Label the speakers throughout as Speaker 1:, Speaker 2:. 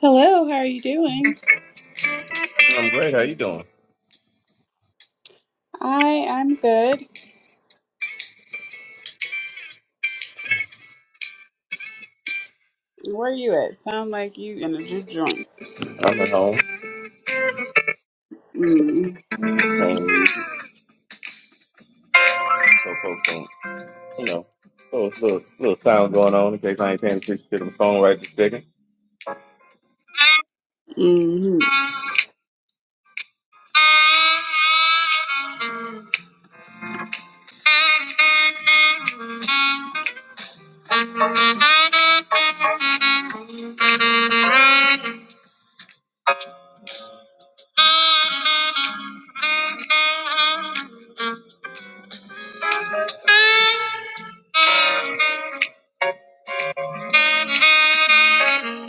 Speaker 1: Hello, how are you doing?
Speaker 2: I'm great. How you doing?
Speaker 1: I I'm good. Where are you at? Sound like you in a juke joint.
Speaker 2: I'm at home
Speaker 1: Mm.
Speaker 2: playing music, so folks don't, you know, so little, little sound going on in case I ain't paying attention to the phone right this second.
Speaker 1: hmm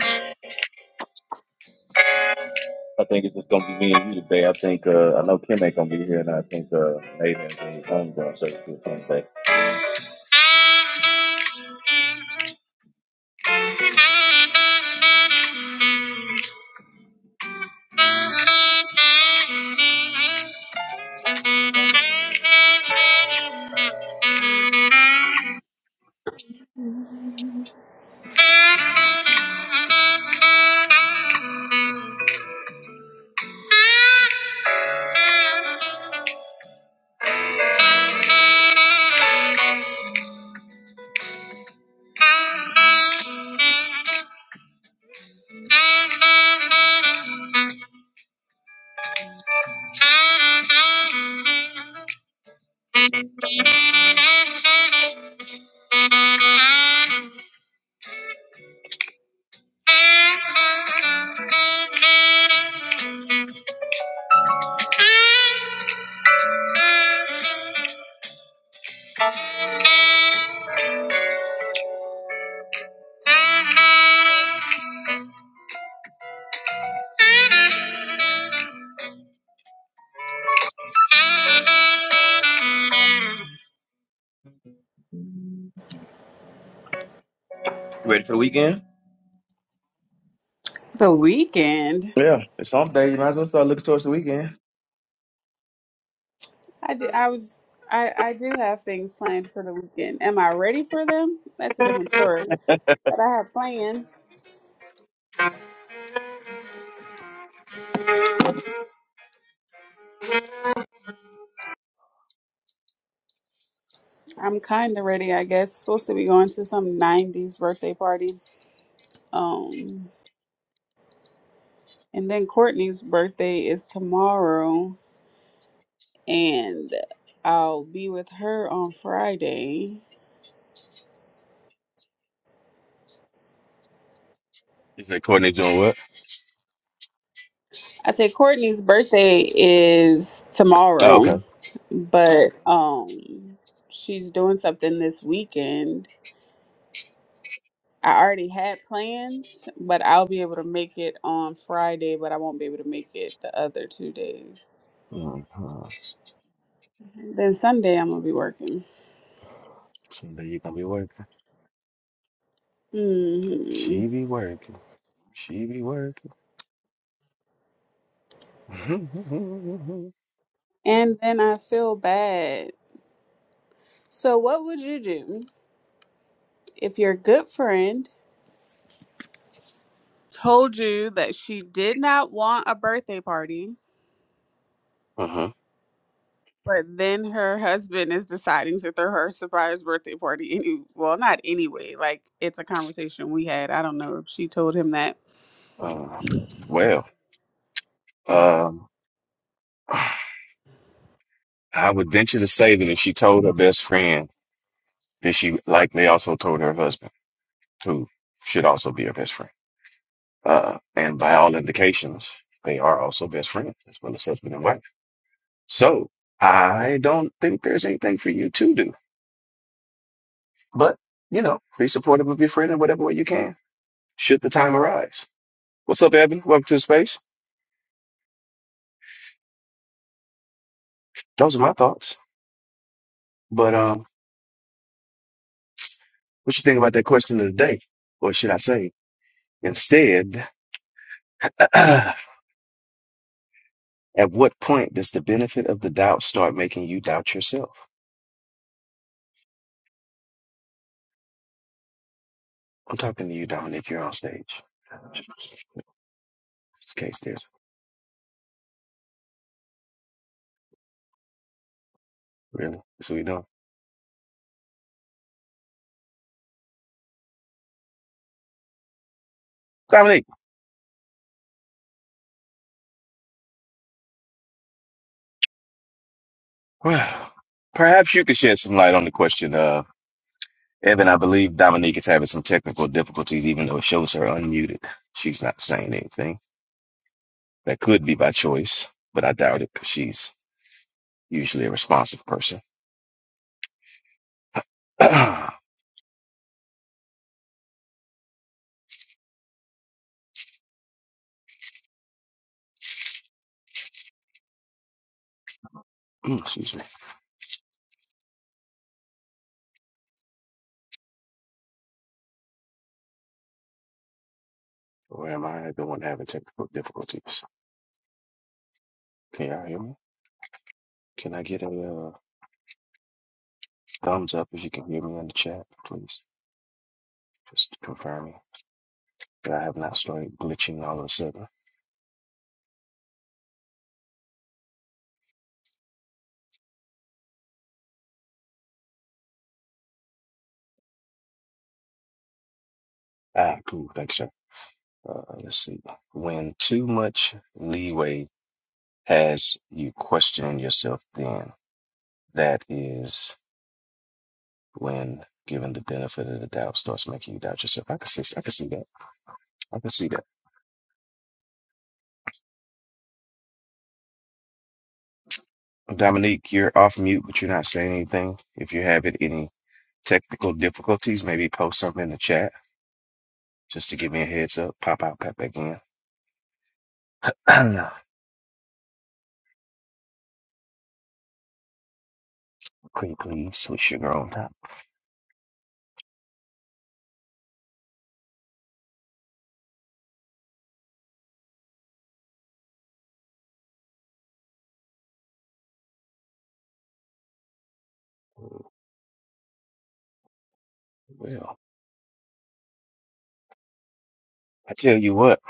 Speaker 2: I think it's just gonna be me and you today. I think uh, I know Kim ain't gonna be here, and I think uh, Nathan and I'm gonna say good things today. Thank you. Ready for the weekend?
Speaker 1: The weekend.
Speaker 2: Yeah, it's hump day. You might as well start looking towards the weekend.
Speaker 1: I do, I was I I do have things planned for the weekend. Am I ready for them? That's a different story. But I have plans. I'm kind of ready, I guess. Supposed to be going to some 90s birthday party. Um and then Courtney's birthday is tomorrow and I'll be with her on Friday.
Speaker 2: You said Courtney doing what?
Speaker 1: I say Courtney's birthday is
Speaker 2: Oh, okay.
Speaker 1: tomorrow, but um she's doing something this weekend. I already had plans, but I'll be able to make it on Friday, but I won't be able to make it the other two days.
Speaker 2: Mm-hmm.
Speaker 1: Then Sunday I'm gonna be working.
Speaker 2: Someday you gonna be working.
Speaker 1: hmm
Speaker 2: She be working. She be working.
Speaker 1: And then I feel bad. So what would you do if your good friend told you that she did not want a birthday party?
Speaker 2: uh-huh.
Speaker 1: But then her husband is deciding to throw her a surprise birthday party. Any, well, not anyway. Like it's a conversation we had. I don't know if she told him that.
Speaker 2: Uh, well, um, I would venture to say that if she told her best friend, that she likely also told her husband, who should also be her best friend. Uh, and by all indications, they are also best friends as well as husband and wife. So I don't think there's anything for you to do. But, you know, be supportive of your friend in whatever way you can, should the time arise. What's up, Evan? Welcome to the space. Those are my thoughts. But um, what you think about that question of the day? Or should I say, instead, at what point does the benefit of the doubt start making you doubt yourself? I'm talking to you, Dominique. You're on stage. Just in case there's really. That's what we doing. Dominique, well, perhaps you could shed some light on the question. uh, Evan, I believe Dominique is having some technical difficulties, even though it shows her unmuted. She's not saying anything. That could be by choice, but I doubt it because she's usually a responsive person. Excuse me. Where am I? The one having technical difficulties. Can y'all hear me? Can I get a uh, thumbs up if you can hear me in the chat, please? Just confirming that I have not started glitching all of a sudden. Ah, cool. Thanks, sir. Uh, let's see. When too much leeway as you question yourself then that is when given the benefit of the doubt starts making you doubt yourself i can see i can see that i can see that dominique you're off mute but you're not saying anything if you're having any technical difficulties maybe post something in the chat just to give me a heads up pop out pop back in cream please with sugar on top well i tell you what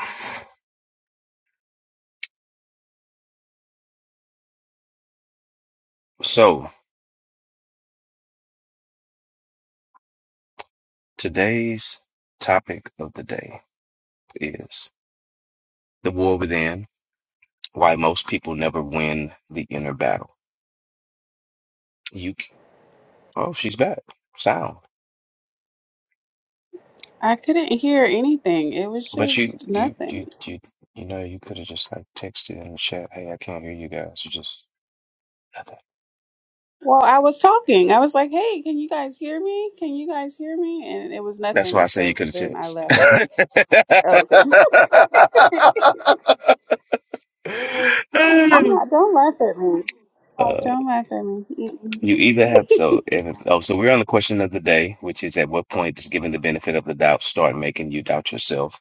Speaker 2: so today's topic of the day is the war within why most people never win the inner battle. You, c- oh, she's back, sound.
Speaker 1: I couldn't hear anything. It was
Speaker 2: But you,
Speaker 1: just
Speaker 2: you, you,
Speaker 1: nothing.
Speaker 2: you, you know, you could have just like texted in the chat, "Hey, I can't hear you guys." You just nothing.
Speaker 1: Well, I was talking. I was like, "Hey, can you guys hear me? Can you guys hear me?" And it was
Speaker 2: That's why
Speaker 1: nothing.
Speaker 2: I say you
Speaker 1: So
Speaker 2: could have
Speaker 1: then I
Speaker 2: texted.
Speaker 1: left. Oh, okay. I'm not. Don't laugh at me.
Speaker 2: Uh,
Speaker 1: Don't laugh at me. Mm-mm.
Speaker 2: you either have so and, oh so we're on the question of the day, which is at what point does giving the benefit of the doubt start making you doubt yourself?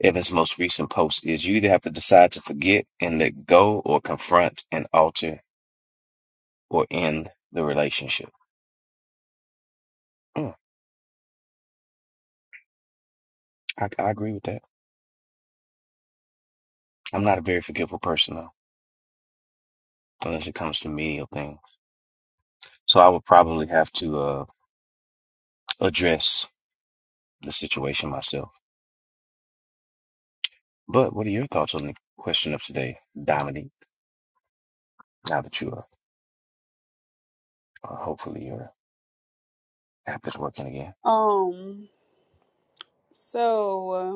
Speaker 2: in his most recent post is you either have to decide to forget and let go or confront and alter or end the relationship. Mm, I, I agree with that. I'm not a very forgetful person though, unless it comes to menial things. So I would probably have to uh, address the situation myself. But what are your thoughts on the question of today, Dominique? Now that you are, uh, hopefully your app is working again.
Speaker 1: Um. So.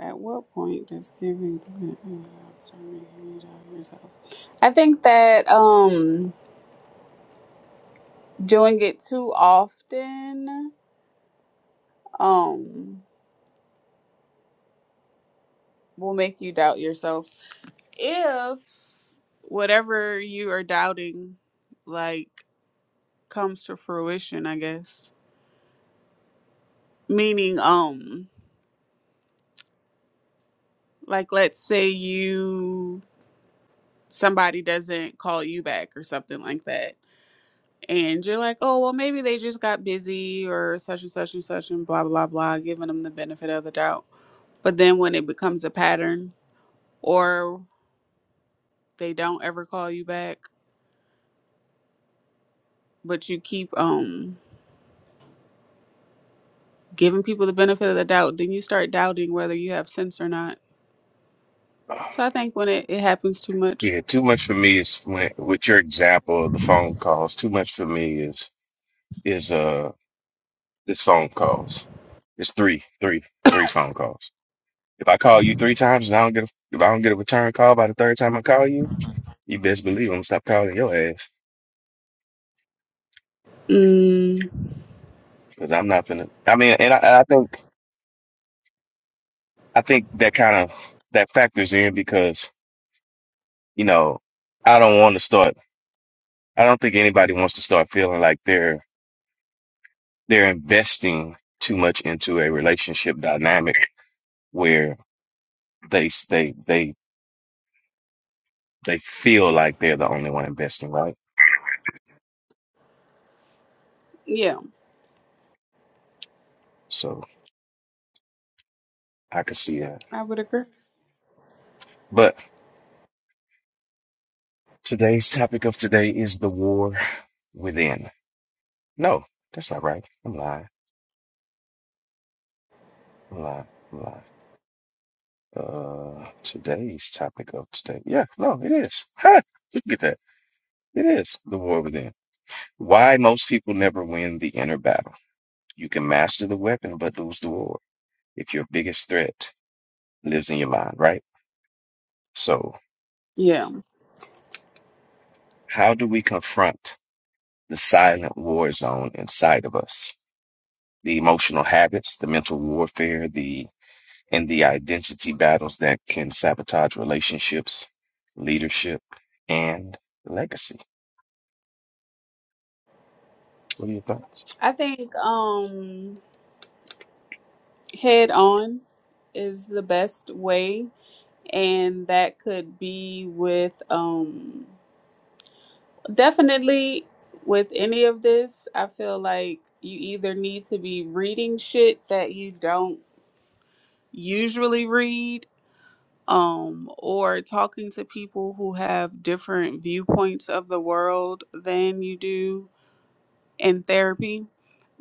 Speaker 1: At what point does giving the benefit of start making you doubt yourself? I think that um doing it too often um will make you doubt yourself. If whatever you are doubting like comes to fruition, I guess. Meaning um like let's say you somebody doesn't call you back or something like that and you're like, oh, well, maybe they just got busy or such and such and such and blah, blah, blah, giving them the benefit of the doubt. But then when it becomes a pattern or they don't ever call you back, but you keep um giving people the benefit of the doubt, then you start doubting whether you have sense or not. So I think when it, it happens too much,
Speaker 2: Yeah, too much for me is when, with your example of the phone calls. Too much for me is is uh, This phone calls. It's three, three, three phone calls. If I call you three times and I don't get a, if I don't get a return call by the third time I call you, you best believe I'm gonna stop calling your ass
Speaker 1: mm,
Speaker 2: because I'm not finna. I mean, and I, and I think I think that kind of that factors in because you know I don't want to start. I don't think anybody wants to start feeling like they're they're investing too much into a relationship dynamic where they they they they feel like they're the only one investing, right?
Speaker 1: yeah,
Speaker 2: So I could see that.
Speaker 1: I would agree.
Speaker 2: But today's topic of today is the war within. No, that's not right. I'm lying. I'm lying. I'm lying. Uh, today's topic of today. Yeah, no, it is. Ha! Look at that. It is the war within. Why most people never win the inner battle. You can master the weapon, but lose the war if your biggest threat lives in your mind, right? So
Speaker 1: Yeah,
Speaker 2: how do we confront the silent war zone inside of us? The emotional habits, the mental warfare, the and the identity battles that can sabotage relationships, leadership, and legacy. What are your thoughts?
Speaker 1: I think um head on is the best way and that could be with um definitely with any of this i feel like you either need to be reading shit that you don't usually read um or talking to people who have different viewpoints of the world than you do in therapy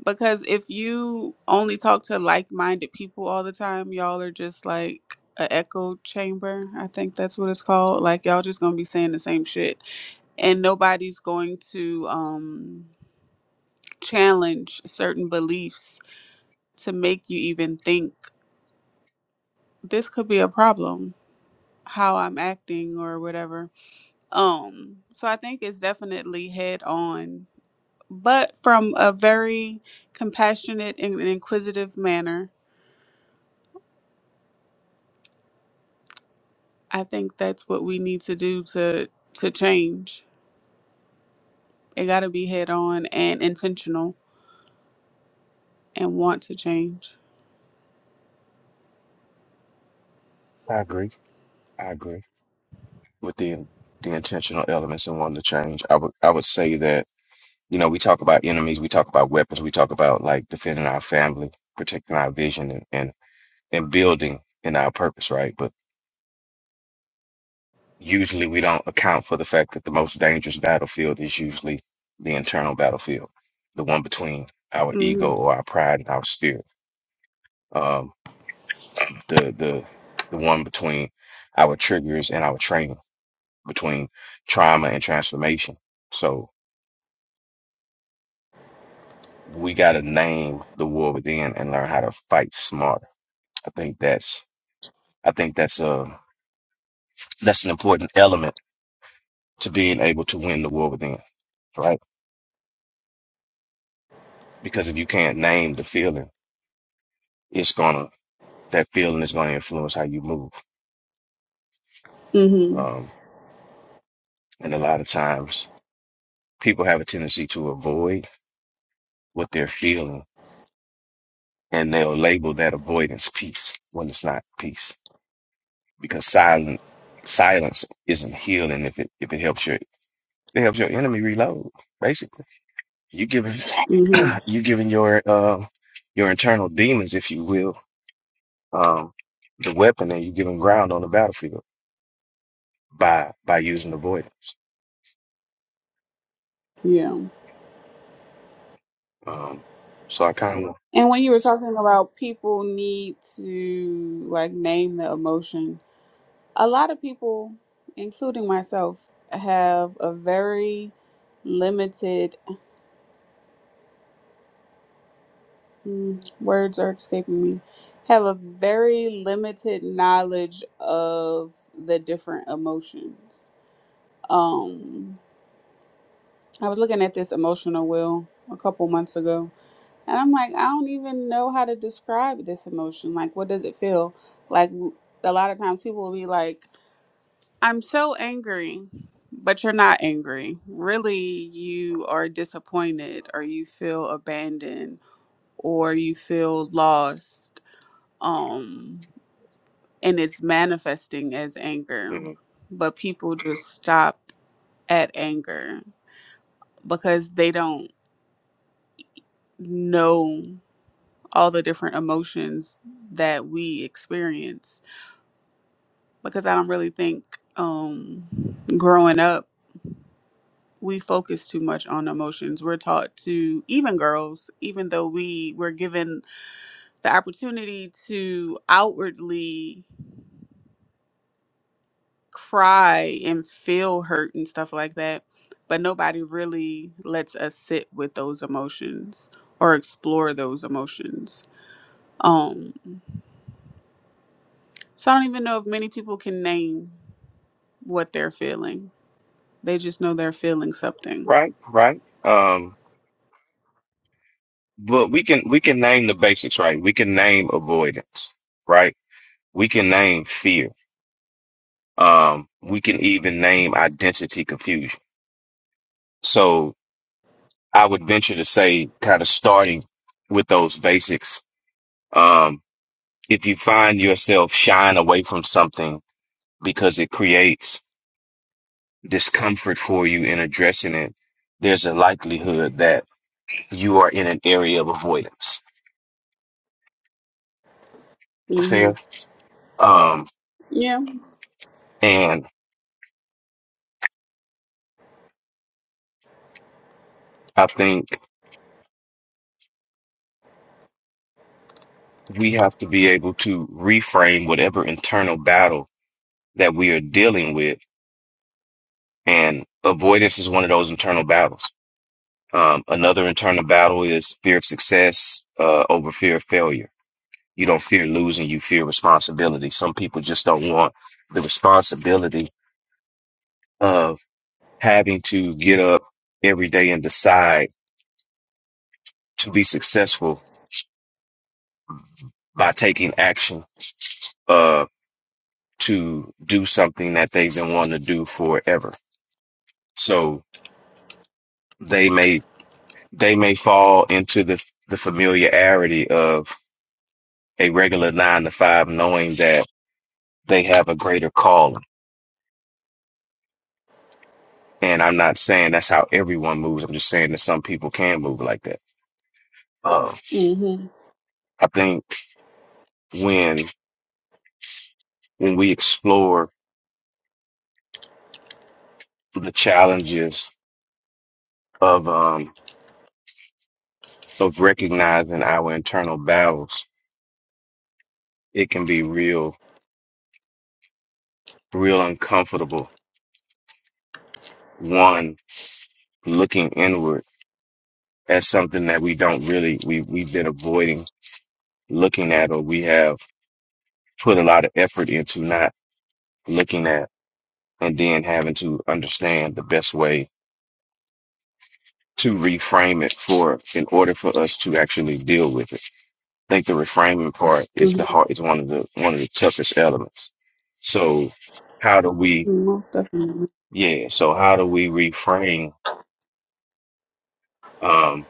Speaker 1: because if you only talk to like-minded people all the time y'all are just like a echo chamber i think that's what it's called like y'all just gonna be saying the same shit and nobody's going to um challenge certain beliefs to make you even think this could be a problem how i'm acting or whatever um so i think it's definitely head on but from a very compassionate and inquisitive manner I think that's what we need to do to to change. It got to be head on and intentional and want to change.
Speaker 2: I agree. I agree with the the intentional elements and wanting to change. I would I would say that you know we talk about enemies, we talk about weapons, we talk about like defending our family, protecting our vision, and and, and building in our purpose, right? But usually we don't account for the fact that the most dangerous battlefield is usually the internal battlefield, the one between our ego
Speaker 1: Mhm.
Speaker 2: or our pride and our spirit um, the the the one between our triggers and our training, between trauma and transformation. So we got to name the war within and learn how to fight smarter. I think that's I think that's a that's an important element to being able to win the war within, right? Because if you can't name the feeling, it's gonna that feeling is gonna influence how you move.
Speaker 1: Mhm.
Speaker 2: Um, and a lot of times, people have a tendency to avoid what they're feeling and they'll label that avoidance peace when it's not peace because silent silence isn't healing if it if it helps your it helps your enemy reload basically you giving
Speaker 1: Mhm.
Speaker 2: you giving your uh, your internal demons if you will um the weapon and you giving ground on the battlefield by by using avoidance
Speaker 1: Yeah.
Speaker 2: um so i kind of
Speaker 1: And when you were talking about people need to like name the emotion, a lot of people, including myself, have a very limited Mm, words are escaping me have a very limited knowledge of the different emotions um i was looking at this emotional wheel a couple months ago and i'm like i don't even know how to describe this emotion like what does it feel like w- a lot of times people will be like i'm so angry but you're not angry really you are disappointed or you feel abandoned or you feel lost um and it's manifesting as anger
Speaker 2: mhm.
Speaker 1: but people just stop at anger because they don't know all the different emotions that we experience because i don't really think um growing up we focus too much on emotions we're taught to even girls even though we were given the opportunity to outwardly cry and feel hurt and stuff like that. But nobody really lets us sit with those emotions or explore those emotions. Um, so I don't even know if many people can name what they're feeling. They just know they're feeling something.
Speaker 2: right right um but we can we can name the basics right we can name avoidance right we can name fear Um, we can even name identity confusion. So I would venture to say, kind of starting with those basics. Um, if you find yourself shying away from something because it creates discomfort for you in addressing it, there's a likelihood that you are in an area of avoidance.
Speaker 1: hmm
Speaker 2: Fair. Um,
Speaker 1: Yeah.
Speaker 2: and I think we have to be able to reframe whatever internal battle that we are dealing with And avoidance is one of those internal battles. Um, another internal battle is fear of success uh, over fear of failure. You don't fear losing, you fear responsibility. Some people just don't want the responsibility of having to get up every day and decide to be successful by taking action uh, to do something that they've been wanting to do forever. So they may they may fall into the the familiarity of a regular nine to five, knowing that they have a greater calling. And I'm not saying that's how everyone moves. I'm just saying that some people can move like that. Uh,
Speaker 1: hmm
Speaker 2: I think when when we explore the challenges of um, of recognizing our internal battles, it can be real, real uncomfortable. One looking inward as something that we don't really we we've been avoiding looking at, or we have put a lot of effort into not looking at and then having to understand the best way to reframe it for in order for us to actually deal with it. I think the reframing part is
Speaker 1: hmm
Speaker 2: the hard is one of the one of the toughest elements. So how do we
Speaker 1: Most definitely.
Speaker 2: yeah, so how do we reframe um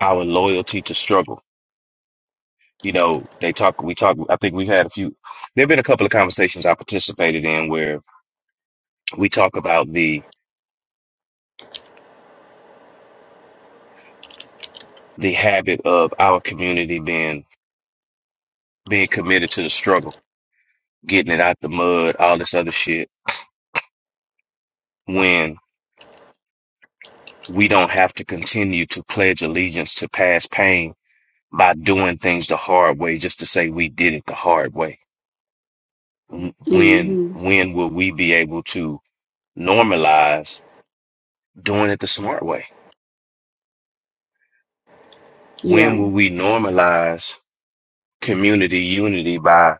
Speaker 2: our loyalty to struggle? You know, they talk we talk I think we've had a few there have been a couple of conversations I participated in where we talk about the the habit of our community being being committed to the struggle getting it out the mud, all this other shit, when we don't have to continue to pledge allegiance to past pain by doing things the hard way just to say we did it the hard way. When
Speaker 1: hmm
Speaker 2: when will we be able to normalize doing it the smart way?
Speaker 1: Yeah.
Speaker 2: When will we normalize community unity by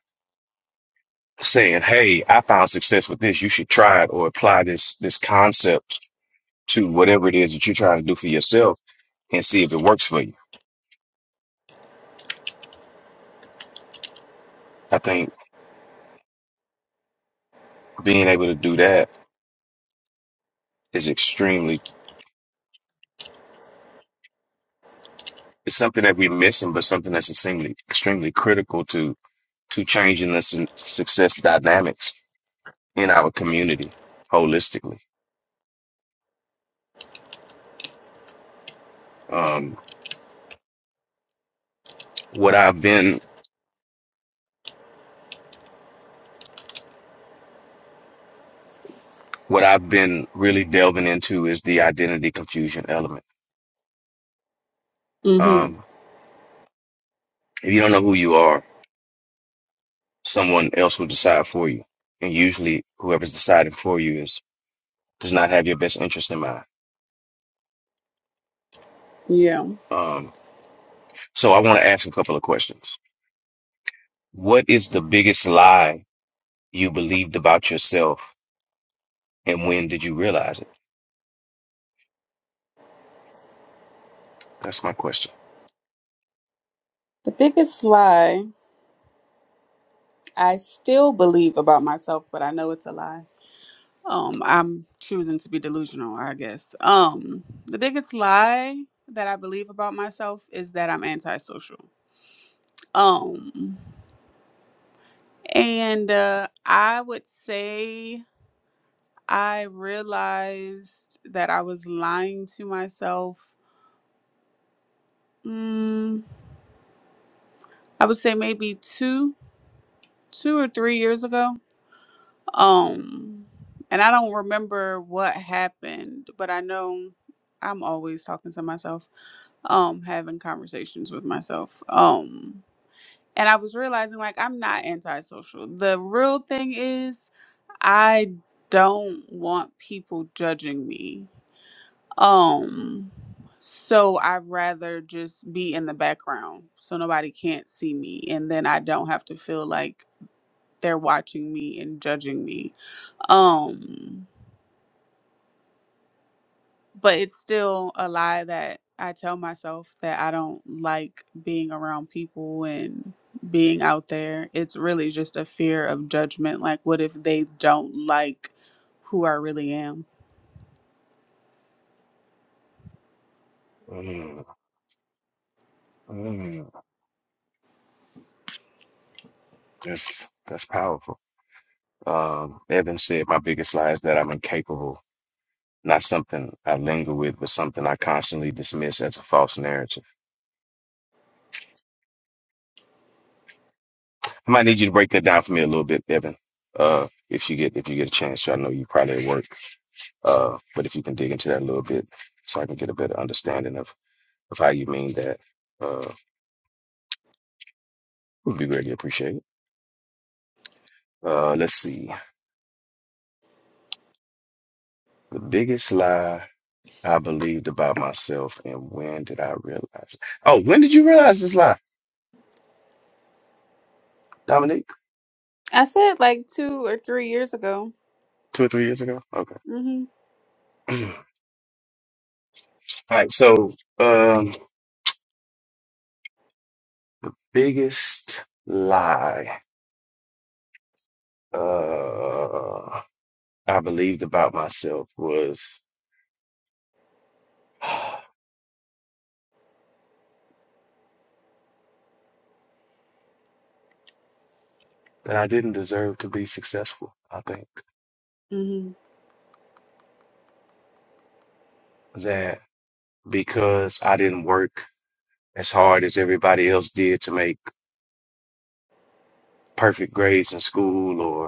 Speaker 2: saying, "Hey, I found success with this. You should try it or apply this this concept to whatever it is that you're trying to do for yourself and see if it works for you." I think being able to do that is extremely it's something that we're missing, but something that's extremely extremely critical to to changing the su- success dynamics in our community holistically. Um, what I've been what I've been really delving into is the identity confusion element.
Speaker 1: hmm
Speaker 2: Um, if you don't know who you are, someone else will decide for you, and usually whoever's deciding for you is does not have your best interest in mind.
Speaker 1: Yeah.
Speaker 2: Um, so I want to ask a couple of questions. What is the biggest lie? you believed about yourself, and when did you realize it? That's my question.
Speaker 1: The biggest lie I still believe about myself, but I know it's a lie um i'm choosing to be delusional i guess um the biggest lie that i believe about myself is that i'm antisocial um and uh, i would say i realized that i was lying to myself mm, i would say maybe two two or three years ago um and i don't remember what happened but i know i'm always talking to myself um having conversations with myself um and i was realizing like i'm not antisocial the real thing is i don't want people judging me um so i'd rather just be in the background so nobody can't see me and then i don't have to feel like they're watching me and judging me um but it's still a lie that I tell myself that I don't like being around people and being out there. It's really just a fear of judgment. Like, what if they don't like who I really am?
Speaker 2: Mm, mm, that's that's powerful. Um, Evan said, "My biggest lie is that I'm incapable." Not something I linger with, but something I constantly dismiss as a false narrative. I might need you to break that down for me a little bit, Evan. Uh, if you get if you get a chance, I know you probably at work. Uh, but if you can dig into that a little bit, so I can get a better understanding of of how you mean that, uh, would be greatly appreciated. Uh, let's see. The biggest lie I believed about myself, and when did I realize? Oh, when did you realize this lie, Dominique?
Speaker 1: I said like two or three years ago.
Speaker 2: Two or three years ago? Okay.
Speaker 1: hmm
Speaker 2: All right. So, um, biggest lie uh, I believed about myself was that I didn't deserve to be successful. I think
Speaker 1: hmm
Speaker 2: that because I didn't work as hard as everybody else did to make perfect grades in school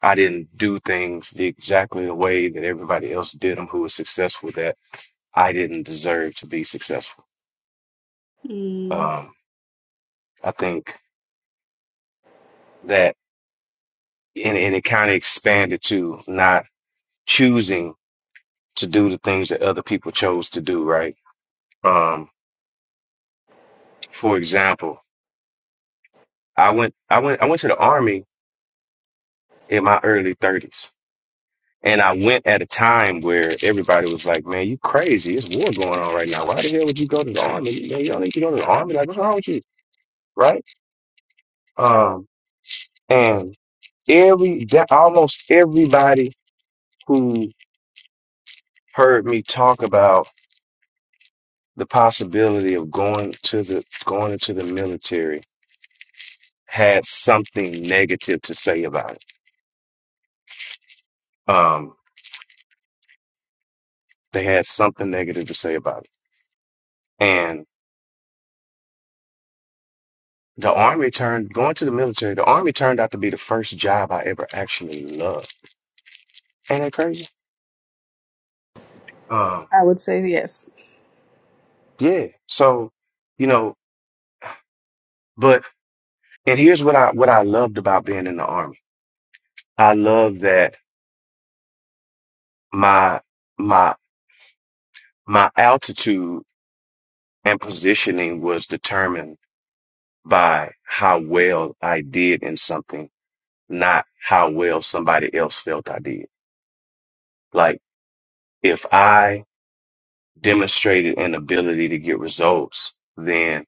Speaker 2: I didn't do things the, exactly the way that everybody else did them who was successful that I didn't deserve to be successful.
Speaker 1: mm
Speaker 2: Um, I think that, and, and it kind of expanded to not choosing to do the things that other people chose to do, right? Um, for example, I went, I went, I went to the army in my early thirties. And I went at a time where everybody was like, man, you crazy. It's war going on right now. Why the hell would you go to the army? Man, you don't need to go to the army. Like, what's wrong with you? Right Um, and every that almost everybody who heard me talk about the possibility of going to the going into the military had something negative to say about it. Um, they had something negative to say about it. And the army turned going to the military. The army turned out to be the first job I ever actually loved. Ain't that crazy? Um,
Speaker 1: I would say yes.
Speaker 2: yeah. So, you know, but and here's what I what I loved about being in the army. I love that my my my altitude and positioning was determined by how well I did in something, not how well somebody else felt I did. Like if I demonstrated an ability to get results, then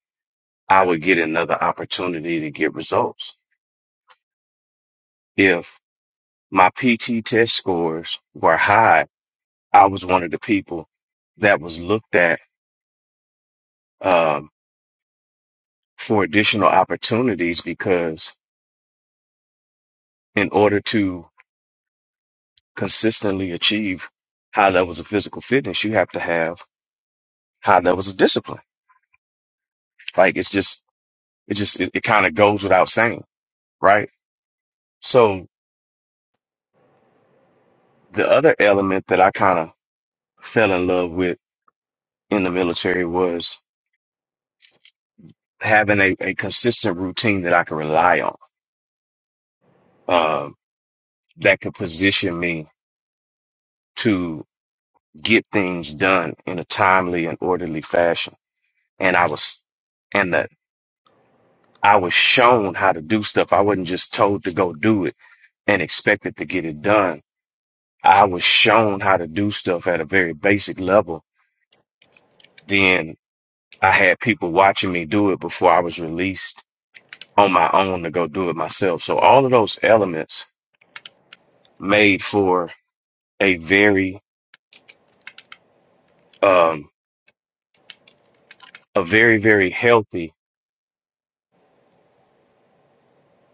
Speaker 2: I would get another opportunity to get results. If my PT test scores were high, I was one of the people that was looked at um, for additional opportunities because in order to consistently achieve high levels of physical fitness, you have to have high levels of discipline. Like it's just, it just, it, it kind of goes without saying, right? So the other element that I kind of fell in love with in the military was having a, a consistent routine that I could rely on, um, that could position me to get things done in a timely and orderly fashion. And I was, and the I was shown how to do stuff. I wasn't just told to go do it and expected to get it done. I was shown how to do stuff at a very basic level. Then I had people watching me do it before I was released on my own to go do it myself. So all of those elements made for a very, um, a very, very healthy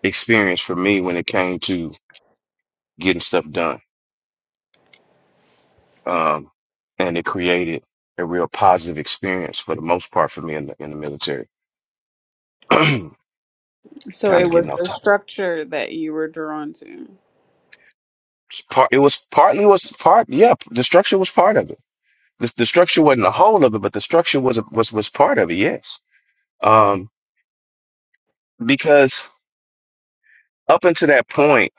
Speaker 2: experience for me when it came to getting stuff done. Um, and it created a real positive experience for the most part for me in the, in the military. kind
Speaker 1: So it
Speaker 2: of getting
Speaker 1: was
Speaker 2: off
Speaker 1: the
Speaker 2: topic.
Speaker 1: structure that you were drawn to.
Speaker 2: It's Part, it was partly was part, yeah, the structure was part of it. The, the structure wasn't the whole of it, but the structure was was was part of it. Yes, um, because up until that point,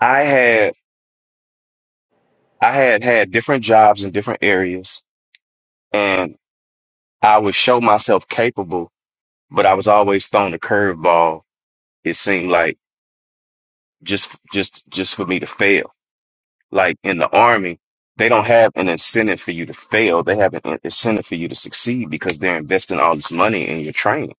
Speaker 2: I had I had had different jobs in different areas, and I would show myself capable, but I was always thrown a curveball. It seemed like just just just for me to fail Like in the army, they don't have an incentive for you to fail. They have an incentive for you to succeed because they're investing all this money in your training.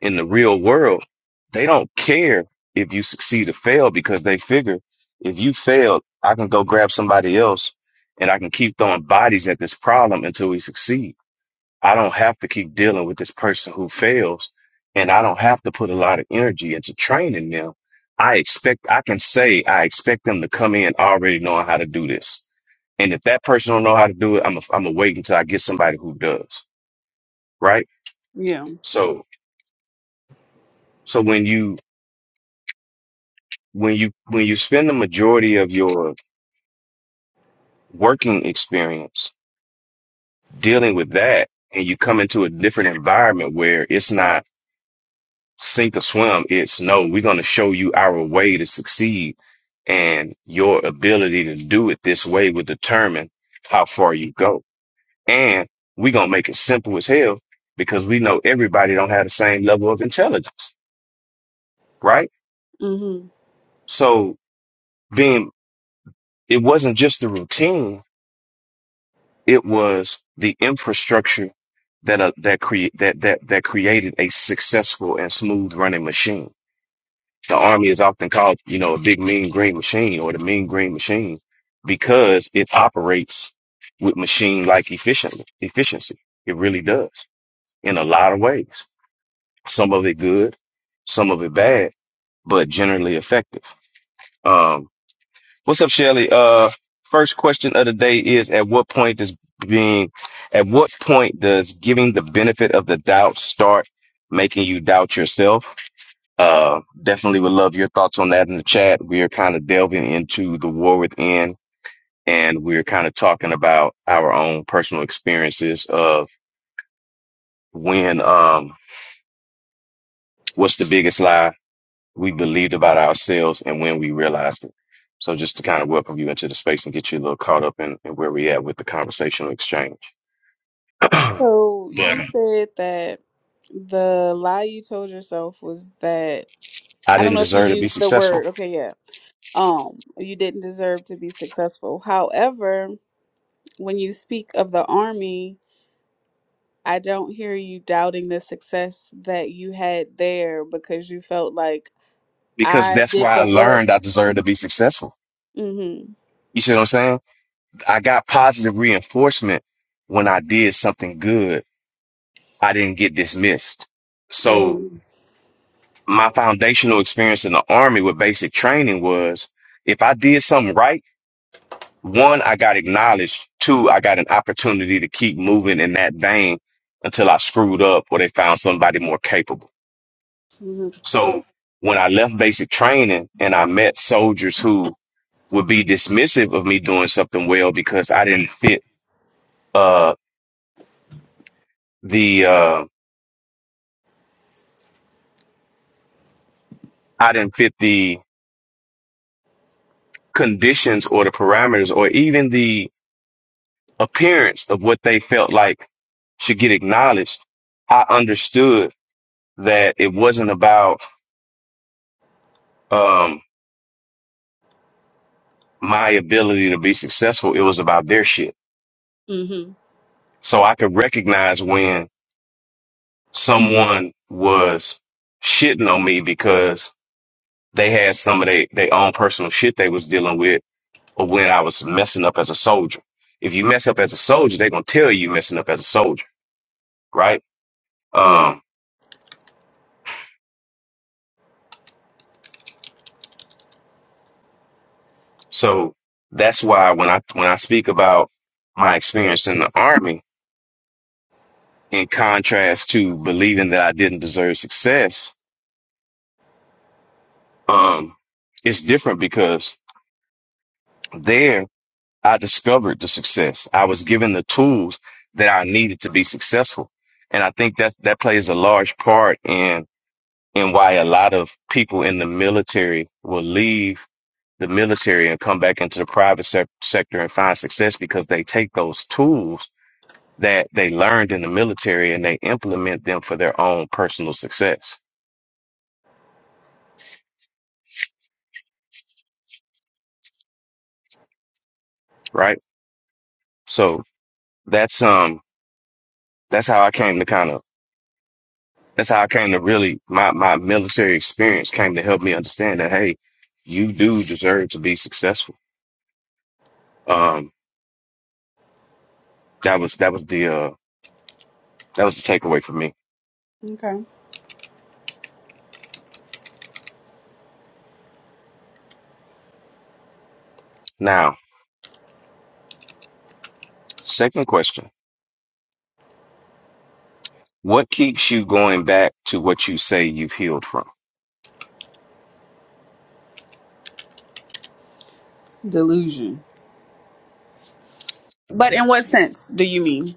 Speaker 2: In the real world, they don't care if you succeed or fail because they figure if you fail, I can go grab somebody else and I can keep throwing bodies at this problem until we succeed. I don't have to keep dealing with this person who fails and I don't have to put a lot of energy into training them. I expect, I can say, I expect them to come in already knowing how to do this. And if that person don't know how to do it, I'm i am i gonna wait until I get somebody who does. Right.
Speaker 1: Yeah.
Speaker 2: So, so when you, when you, when you spend the majority of your working experience dealing with that and you come into a different environment where it's not sink or swim. It's no, we're going to show you our way to succeed. And your ability to do it this way will determine how far you go. And we're going to make it simple as hell because we know everybody don't have the same level of intelligence, right?
Speaker 1: hmm
Speaker 2: So being, it wasn't just the routine. It was the infrastructure that, uh, that create, that, that, that created a successful and smooth running machine The army is often called, you know, a big mean green machine or the mean green machine because it operates with machine like efficiently efficiency. It really does in a lot of ways. Some of it good, some of it bad, but generally effective. Um, what's up, Shelly? Uh, first question of the day is at what point does being at what point does giving the benefit of the doubt start making you doubt yourself? Uh, definitely would love your thoughts on that in the chat. We are kind of delving into the war within, and we're kind of talking about our own personal experiences of when, um, what's the biggest lie we believed about ourselves and when we realized it. So just to kind of welcome you into the space and get you a little caught up in, in where we at with the conversational exchange. but
Speaker 1: So you
Speaker 2: I
Speaker 1: said that the lie you told yourself was that I don't
Speaker 2: didn't
Speaker 1: know if you
Speaker 2: deserve to be
Speaker 1: used the
Speaker 2: successful
Speaker 1: word. Okay, yeah. Um, you didn't deserve to be successful. However, when you speak of the army, I don't hear you doubting the success that you had there because you felt like
Speaker 2: because
Speaker 1: I
Speaker 2: that's
Speaker 1: did
Speaker 2: why I
Speaker 1: the work.
Speaker 2: learned I deserved to be successful.
Speaker 1: Mhm.
Speaker 2: You see what I'm saying? I got positive reinforcement when I did something good. I didn't get dismissed. So
Speaker 1: Mhm.
Speaker 2: my foundational experience in the army with basic training was if I did something right, one, I got acknowledged. Two, I got an opportunity to keep moving in that vein until I screwed up or they found somebody more capable.
Speaker 1: Mhm.
Speaker 2: So when I left basic training and I met soldiers who would be dismissive of me doing something well because I didn't fit, uh, the, uh, I didn't fit the conditions or the parameters or even the appearance of what they felt like should get acknowledged. I understood that it wasn't about um, my ability to be successful, it was about their shit.
Speaker 1: Mhm.
Speaker 2: So I could recognize when someone was shitting on me because they had some of their their own personal shit they was dealing with or when I was messing up as a soldier. If you mess up as a soldier, they're gonna tell you messing up as a soldier, right?
Speaker 1: Yeah.
Speaker 2: Um, so that's why when I when I speak about my experience in the army, in contrast to believing that I didn't deserve success, um, it's different because there I discovered the success. I was given the tools that I needed to be successful, and I think that that plays a large part in in why a lot of people in the military will leave the military and come back into the private sec- sector and find success because they take those tools that they learned in the military and they implement them for their own personal success, right? So that's um that's how I came to kind of that's how I came to really my my military experience came to help me understand that hey, you do deserve to be successful. Um that was that was the uh that was the takeaway for me.
Speaker 1: Okay.
Speaker 2: Now, second question. What keeps you going back to what you say you've healed from?
Speaker 1: Delusion. But in what sense do you mean?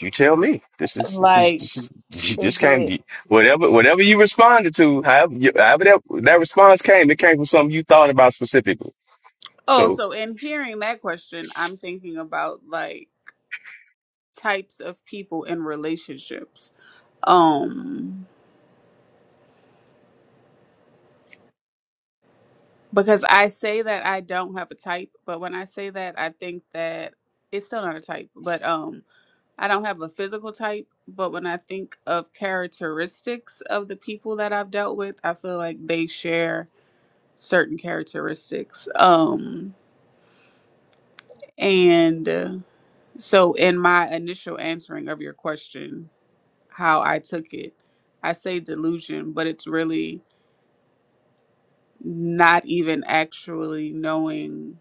Speaker 2: You tell me. This is this is
Speaker 1: Like
Speaker 2: this is this
Speaker 1: is it
Speaker 2: came whatever whatever you responded to, however, you, however that that response came, it came from something you thought about specifically.
Speaker 1: Oh,
Speaker 2: So
Speaker 1: so in hearing that question, I'm thinking about like types of people in relationships um because i say that i don't have a type but when i say that i think that it's still not a type but um i don't have a physical type but when i think of characteristics of the people that i've dealt with i feel like they share certain characteristics um and uh, so in my initial answering of your question how i took it i say delusion but it's really not even actually knowing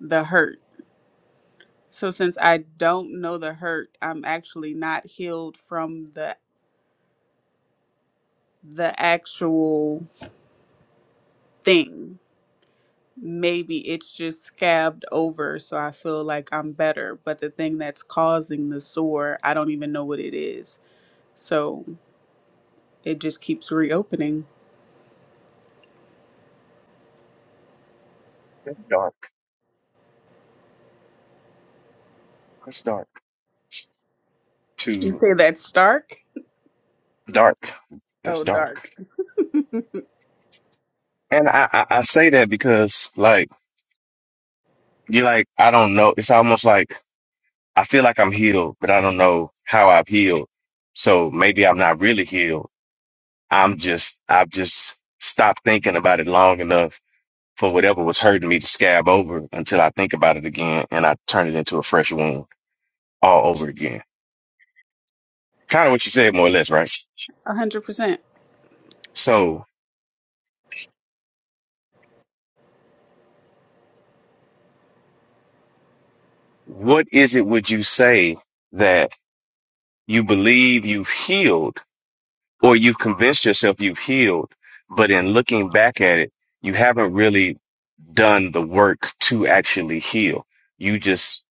Speaker 1: the hurt. So since I don't know the hurt, I'm actually not healed from the the actual thing. Maybe it's just scabbed over, so I feel like I'm better, but the thing that's causing the sore, I don't even know what it is. So it just keeps reopening.
Speaker 2: that's dark. That's dark.
Speaker 1: You
Speaker 2: Too
Speaker 1: say that's stark?
Speaker 2: dark. That's
Speaker 1: Oh,
Speaker 2: dark.
Speaker 1: dark.
Speaker 2: And I, I I say that because like you're like I don't know. It's almost like I feel like I'm healed, but I don't know how I've healed. So maybe I'm not really healed. I'm just I've just stopped thinking about it long enough for whatever was hurting me to scab over until I think about it again and I turn it into a fresh wound all over again. Kind of what you said, more or less, right?
Speaker 1: A hundred percent.
Speaker 2: So, what is it would you say that you believe you've healed or you've convinced yourself you've healed, but in looking back at it, you haven't really done the work to actually heal? You just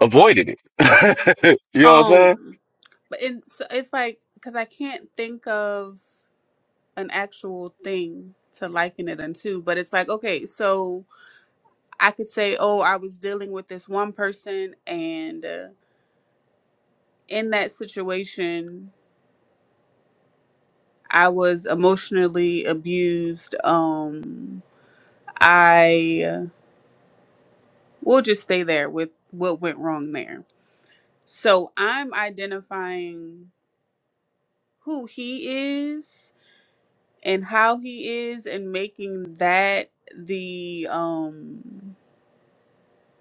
Speaker 2: avoided it. you know what I'm saying?
Speaker 1: Um, but it's it's like because I can't think of. an actual thing to liken it unto, but it's like, okay, so I could say, oh, I was dealing with this one person, and uh, in that situation, I was emotionally abused. Um, I uh, will just stay there with what went wrong there. So I'm identifying who he is and how he is, and making that the um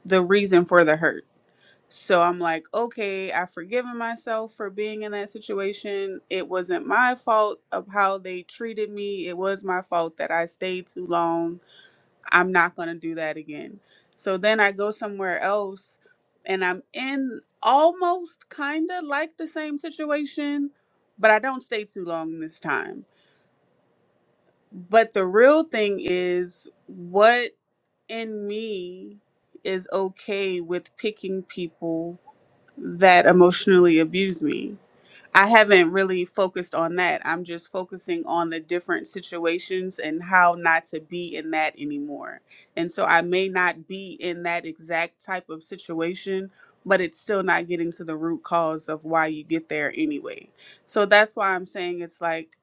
Speaker 1: the reason for the hurt So I'm like, okay, I've forgiven myself for being in that situation. It wasn't my fault of how they treated me. It was my fault that I stayed too long. I'm not going to do that again. So then I go somewhere else and I'm in almost kind of like the same situation, but I don't stay too long this time. But the real thing is what in me is okay with picking people that emotionally abuse me. I haven't really focused on that. I'm just focusing on the different situations and how not to be in that anymore. And so I may not be in that exact type of situation, but it's still not getting to the root cause of why you get there anyway. So that's why I'm saying it's like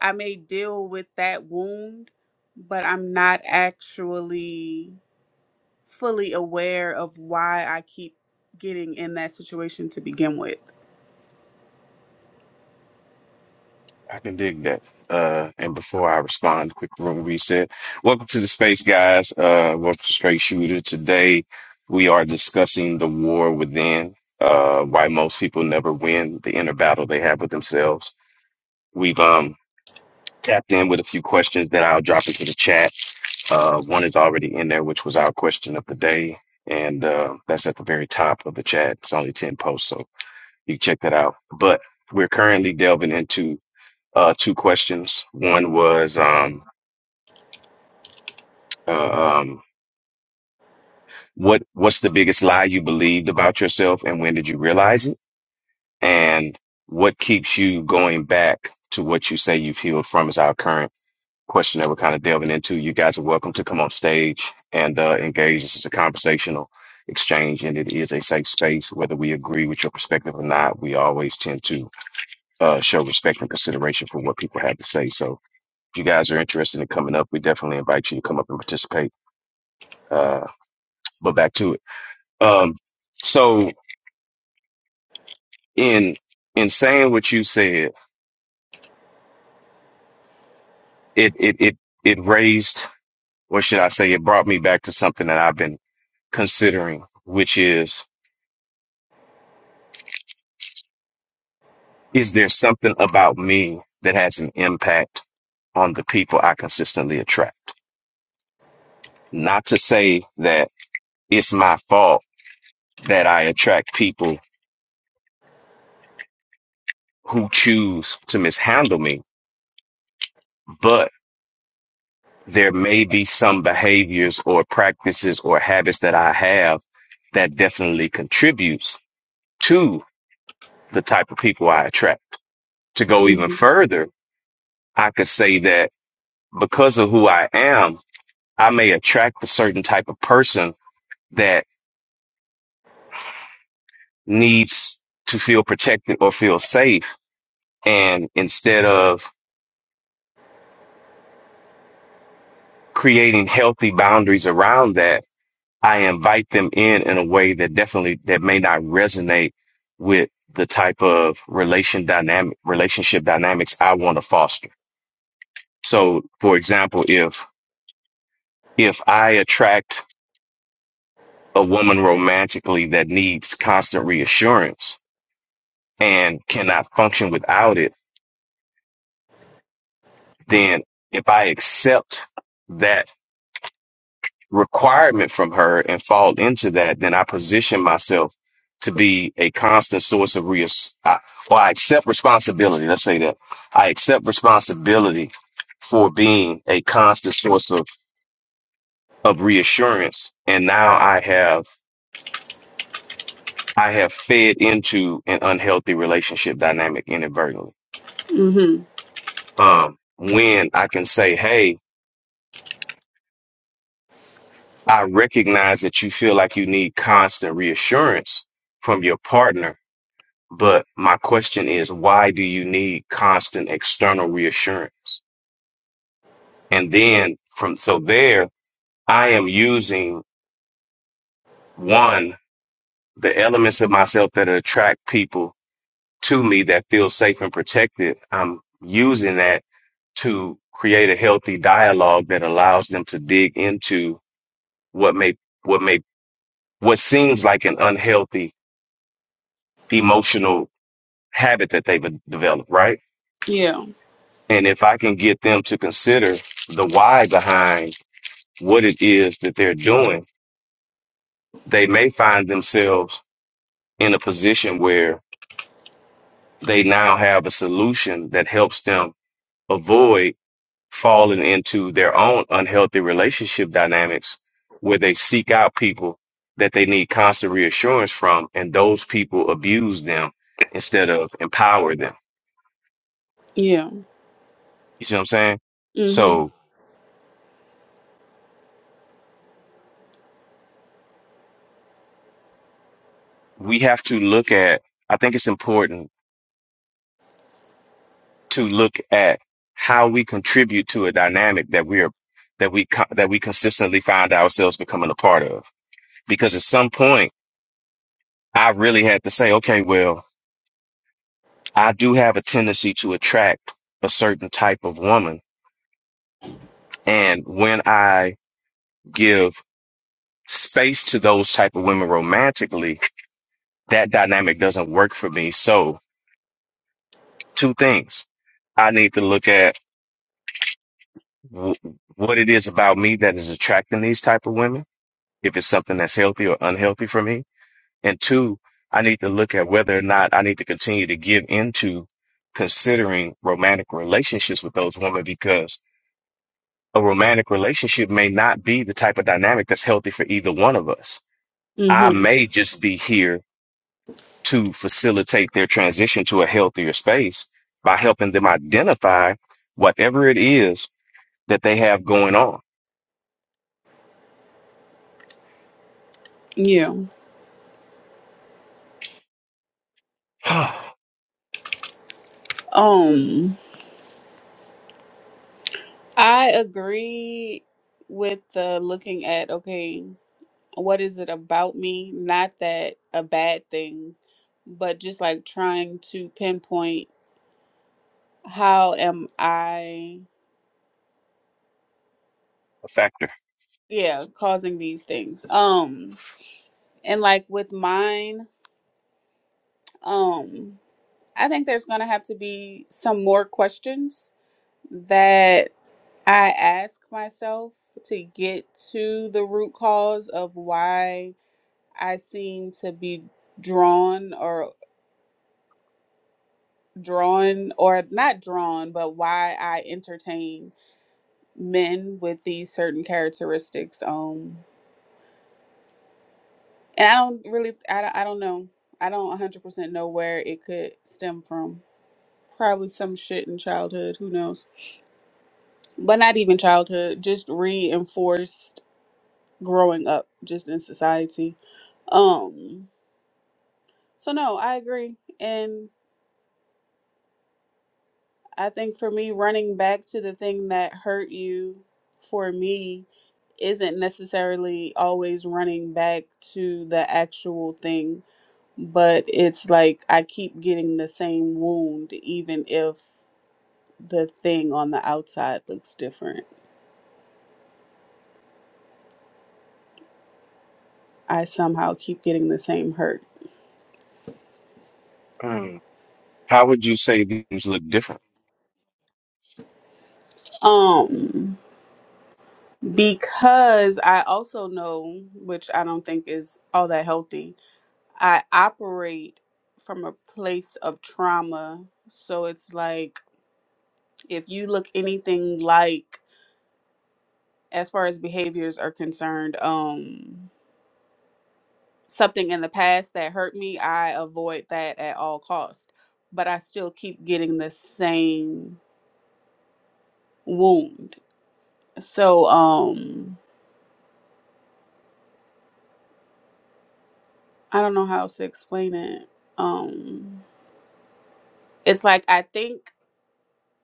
Speaker 1: I may deal with that wound, but I'm not actually fully aware of why I keep getting in that situation to begin with.
Speaker 2: I can dig that. Uh, and before I respond, quick room reset. Welcome to the space, guys. Uh, welcome to Straight Shooter. Today we are discussing the war within. Uh, why most people never win the inner battle they have with themselves. We've um tapped in with a few questions that I'll drop into the chat. Uh, one is already in there, which was our question of the day, and uh, that's at the very top of the chat. It's only ten posts, so you can check that out. But we're currently delving into uh, two questions. One was, um, uh, um, what what's the biggest lie you believed about yourself, and when did you realize it? And what keeps you going back to what you say you've healed from is our current question that we're kind of delving into. You guys are welcome to come on stage and uh, engage. This is a conversational exchange, and it is a safe space. Whether we agree with your perspective or not, we always tend to uh, show respect and consideration for what people have to say. So if you guys are interested in coming up, we definitely invite you to come up and participate. Uh, but back to it. Um, so in in saying what you said, it it it it raised, or should I say, it brought me back to something that I've been considering, which is, is there something about me that has an impact on the people I consistently attract? Not to say that it's my fault that I attract people who choose to mishandle me, but there may be some behaviors or practices or habits that I have that definitely contributes to the type of people I attract. To go even
Speaker 1: Mm-hmm.
Speaker 2: further, I could say that because of who I am, I may attract a certain type of person that needs to feel protected or feel safe. And instead of creating healthy boundaries around that, I invite them in in a way that definitely that may not resonate with the type of relation dynamic relationship dynamics I want to foster. So, for example, if if I attract a woman romantically that needs constant reassurance and cannot function without it, then if I accept that requirement from her and fall into that, then I position myself to be a constant source of reas. I, or I accept responsibility. Let's say that I accept responsibility for being a constant source of of reassurance, and now I have I have fed into an unhealthy relationship dynamic inadvertently.
Speaker 1: Mm-hmm.
Speaker 2: Um, when I can say, "Hey, I recognize that you feel like you need constant reassurance from your partner." But my question is, why do you need constant external reassurance? And then from, so there, I am using one, the elements of myself that attract people to me that feel safe and protected. I'm using that to create a healthy dialogue that allows them to dig into what may, what may, what seems like an unhealthy emotional habit that they've developed, right?
Speaker 1: Yeah.
Speaker 2: And if I can get them to consider the why behind what it is that they're doing, they may find themselves in a position where they now have a solution that helps them avoid falling into their own unhealthy relationship dynamics where they seek out people that they need constant reassurance from and those people abuse them instead of empower them.
Speaker 1: Yeah.
Speaker 2: You see what I'm saying?
Speaker 1: Mm-hmm.
Speaker 2: So we have to look at, I think it's important to look at how we contribute to a dynamic that we're that we co- that we consistently find ourselves becoming a part of. Because at some point, I really had to say, okay, well, I do have a tendency to attract a certain type of woman, and when I give space to those type of women romantically, that dynamic doesn't work for me. So, two things: I need to look at w- what it is about me that is attracting these type of women if it's something that's healthy or unhealthy for me. And two, I need to look at whether or not I need to continue to give into considering romantic relationships with those women because a romantic relationship may not be the type of dynamic that's healthy for either one of us. I
Speaker 1: Mm-hmm.
Speaker 2: may just be here to facilitate their transition to a healthier space by helping them identify whatever it is that they have going on.
Speaker 1: Yeah.
Speaker 2: a
Speaker 1: Um, I agree with the looking at okay, what is it about me? Not that a bad thing, but just like trying to pinpoint how am I
Speaker 2: factor.
Speaker 1: yeah, causing these things. Um, and like with mine, um, I think there's gonna have to be some more questions that I ask myself to get to the root cause of why I seem to be drawn or drawn or not drawn, but why I entertain men with these certain characteristics. Um, and I don't really, I don't, I don't know. I don't 100% know where it could stem from. Probably some shit in childhood, who knows? But not even childhood, just reinforced growing up just in society. Um So no, I agree. And I think for me running back to the thing that hurt you for me isn't necessarily always running back to the actual thing, but it's like I keep getting the same wound even if the thing on the outside looks different. I somehow keep getting the same hurt.
Speaker 2: Hmm. How would you say these look different?
Speaker 1: Um because I also know, which I don't think is all that healthy, I operate from a place of trauma. So it's like if you look anything like as far as behaviors are concerned, um something in the past that hurt me, I avoid that at all cost. But I still keep getting the same wound. So um I don't know how else to explain it. Um it's like I think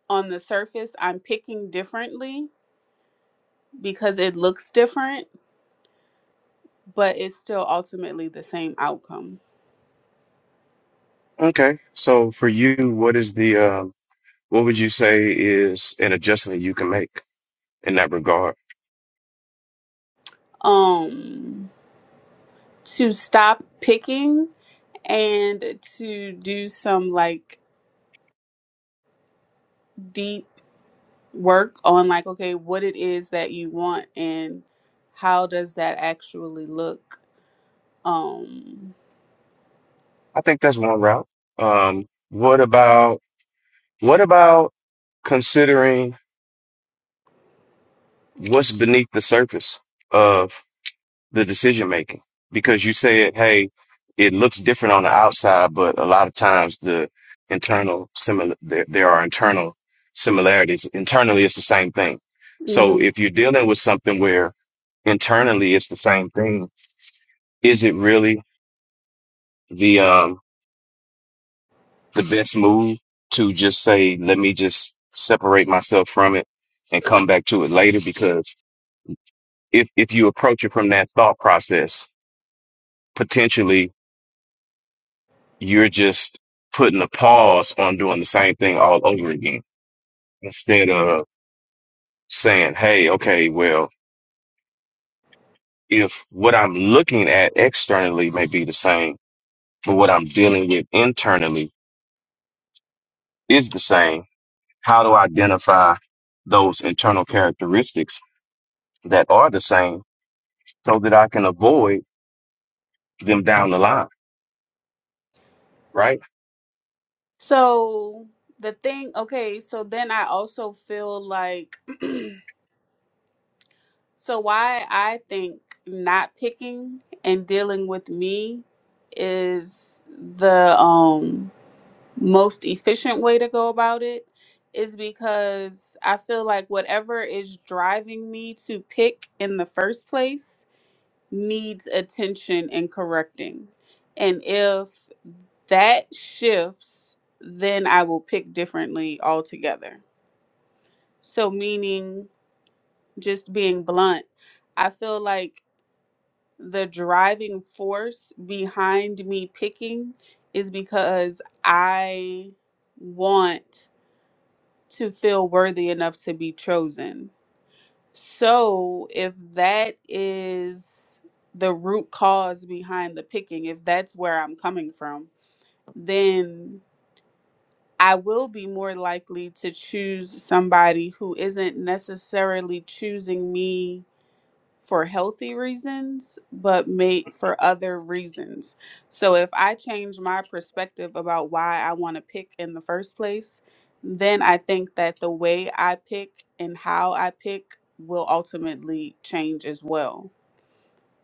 Speaker 1: on the surface I'm picking differently because it looks different but it's still ultimately the same outcome.
Speaker 2: Okay. So for you, what is the um what would you say is an adjustment you can make in that regard?
Speaker 1: Um, to stop picking and to do some like deep work on like, okay, what it is that you want and how does that actually look? Um,
Speaker 2: I think that's one route. Um, what about what about considering what's beneath the surface of the decision making because you said, hey, it looks different on the outside, but a lot of times the internal similar there, there are internal similarities. Internally, it's the same thing. So
Speaker 1: mhm.
Speaker 2: if you're dealing with something where internally it's the same thing, is it really the um the best move to just say, let me just separate myself from it and come back to it later? Because if if you approach it from that thought process, potentially you're just putting a pause on doing the same thing all over again instead of saying, Hey, okay, well, if what I'm looking at externally may be the same, but what I'm dealing with internally is the same, how do I identify those internal characteristics that are the same so that I can avoid them down the line? Right?
Speaker 1: so the thing, okay, so then I also feel like So why I think not picking and dealing with me is the um most efficient way to go about it is because I feel like whatever is driving me to pick in the first place needs attention and correcting. And if that shifts, then I will pick differently altogether. So meaning just being blunt, I feel like the driving force behind me picking is because I want to feel worthy enough to be chosen. So, if that is the root cause behind the picking, if that's where I'm coming from, then I will be more likely to choose somebody who isn't necessarily choosing me for healthy reasons, but may for other reasons. So if I change my perspective about why I want to pick in the first place, then I think that the way I pick and how I pick will ultimately change as well.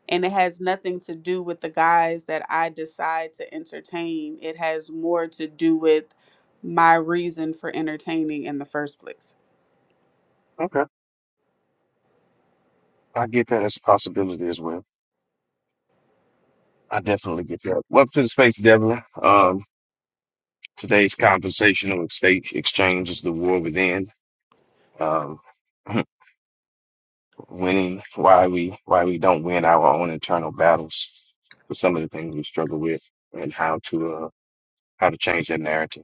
Speaker 1: And it has nothing to do with the guys that I decide to entertain. It has more to do with my reason for entertaining in the first place.
Speaker 2: Okay. I get that as a possibility as well. I definitely get that. Welcome to the space, Devlin. Um, Today's conversational exchange, exchange is the war within. Um, winning, why we why we don't win our own internal battles, for some of the things we struggle with, and how to uh, how to change that narrative.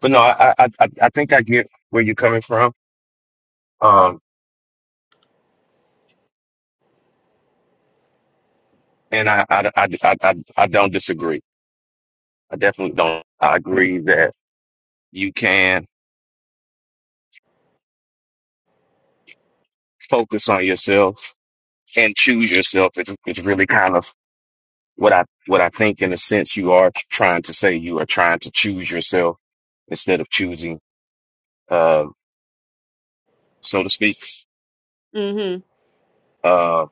Speaker 2: But no, I I I I think I get where you're coming from. Um, and I I I I, I, I don't disagree. I definitely don't. I agree that you can focus on yourself and choose yourself. It's it's really kind of what I what I think in a sense you are trying to say you are trying to choose yourself instead of choosing uh so to speak
Speaker 1: Mm-hmm.
Speaker 2: uh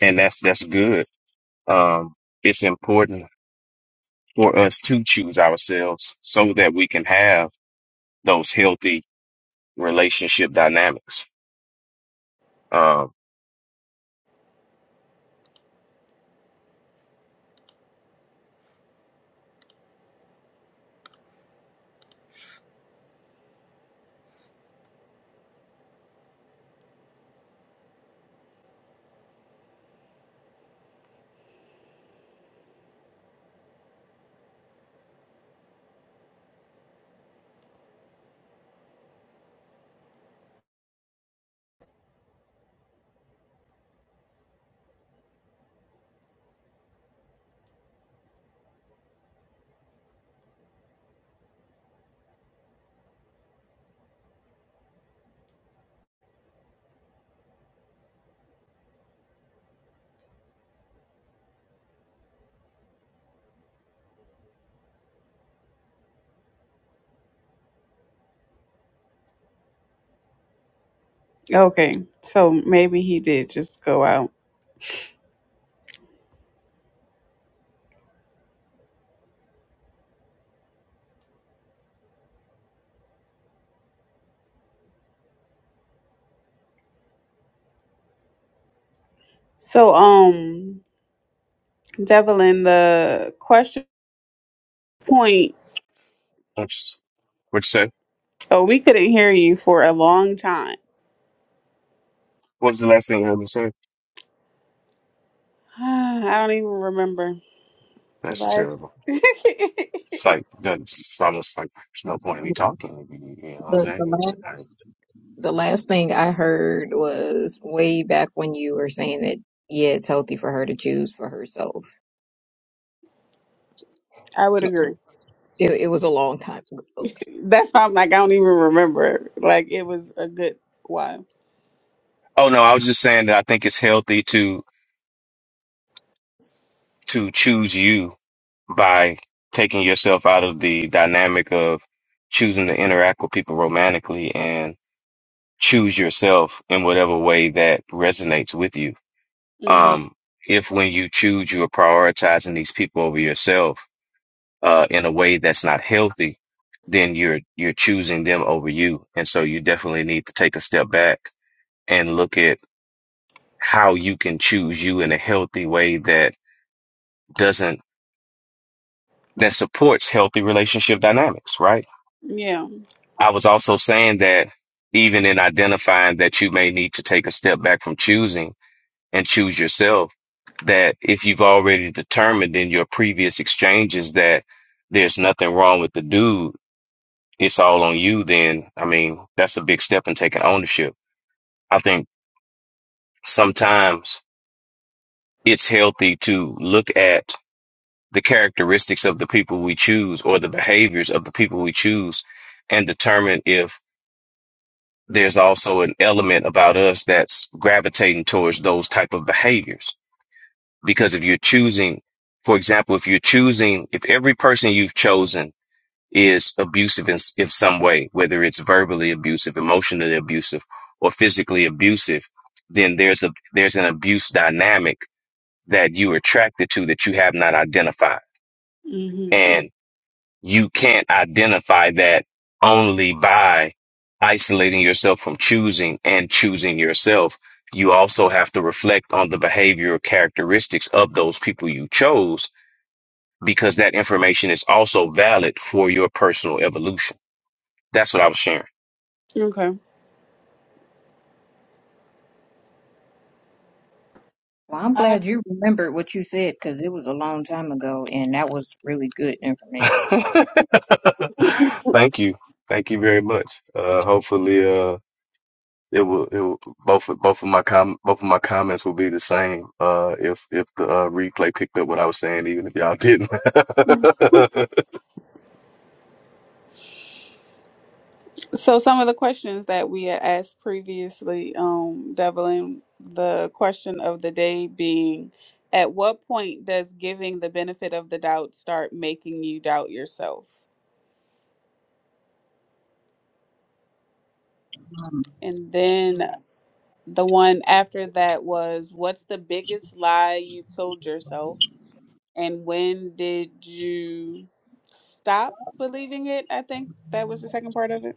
Speaker 2: and that's that's good um it's important for us to choose ourselves so that we can have those healthy relationship dynamics um
Speaker 1: Okay, so maybe he did just go out. So, um, Devlin, the question point.
Speaker 2: what's what you say
Speaker 1: Oh, we couldn't hear you for a long time.
Speaker 2: what was the last thing I heard you say
Speaker 1: I don't even remember the
Speaker 2: that's
Speaker 1: last.
Speaker 2: terrible it's like that's almost like there's no point in me talking you know what I'm
Speaker 3: The, the
Speaker 2: saying
Speaker 3: last the last thing I heard was way back when you were saying that yeah, it's healthy for her to choose for herself.
Speaker 1: I would agree.
Speaker 3: It, it was a long time ago.
Speaker 1: That's why I'm like I don't even remember. Like it was a good while.
Speaker 2: oh no I was just saying that I think it's healthy to. to choose you by taking yourself out of the dynamic of choosing to interact with people romantically and choose yourself in whatever way that resonates with you.
Speaker 1: hmm
Speaker 2: Um, if when you choose, you are prioritizing these people over yourself, uh, in a way that's not healthy, then you're, you're choosing them over you. And so you definitely need to take a step back and look at how you can choose you in a healthy way that doesn't that supports healthy relationship dynamics, right?
Speaker 1: Yeah.
Speaker 2: I was also saying that even in identifying that you may need to take a step back from choosing and choose yourself, that if you've already determined in your previous exchanges that there's nothing wrong with the dude, it's all on you, then I mean, that's a big step in taking ownership. I think sometimes it's healthy to look at the characteristics of the people we choose or the behaviors of the people we choose and determine if there's also an element about us that's gravitating towards those type of behaviors because if you're choosing for example if you're choosing if every person you've chosen is abusive in, s- in some way whether it's verbally abusive emotionally abusive or physically abusive then there's a there's an abuse dynamic that you're attracted to that you have not identified
Speaker 1: hmm
Speaker 2: you can't identify that only by isolating yourself from choosing and choosing yourself. You also have to reflect on the behavioral characteristics of those people you chose because that information is also valid for your personal evolution. That's what I was sharing.
Speaker 1: Okay.
Speaker 3: Well, I'm
Speaker 1: I,
Speaker 3: glad you remembered what you said because it was a long time ago, and that was really good information.
Speaker 2: Thank you. Thank you very much. Uh, hopefully, uh, it will it will, both of- both of my com both of my comments will be the same uh if if the uh, replay picked up what I was saying even if y'all didn't
Speaker 1: so some of the questions that we had asked previously, um, Devlin, the question of the day being, at what point does giving the benefit of the doubt start making you doubt yourself?
Speaker 3: Um,
Speaker 1: And then the one after that was, what's the biggest lie you told yourself? And when did you stop believing it? I think that was the second part of it.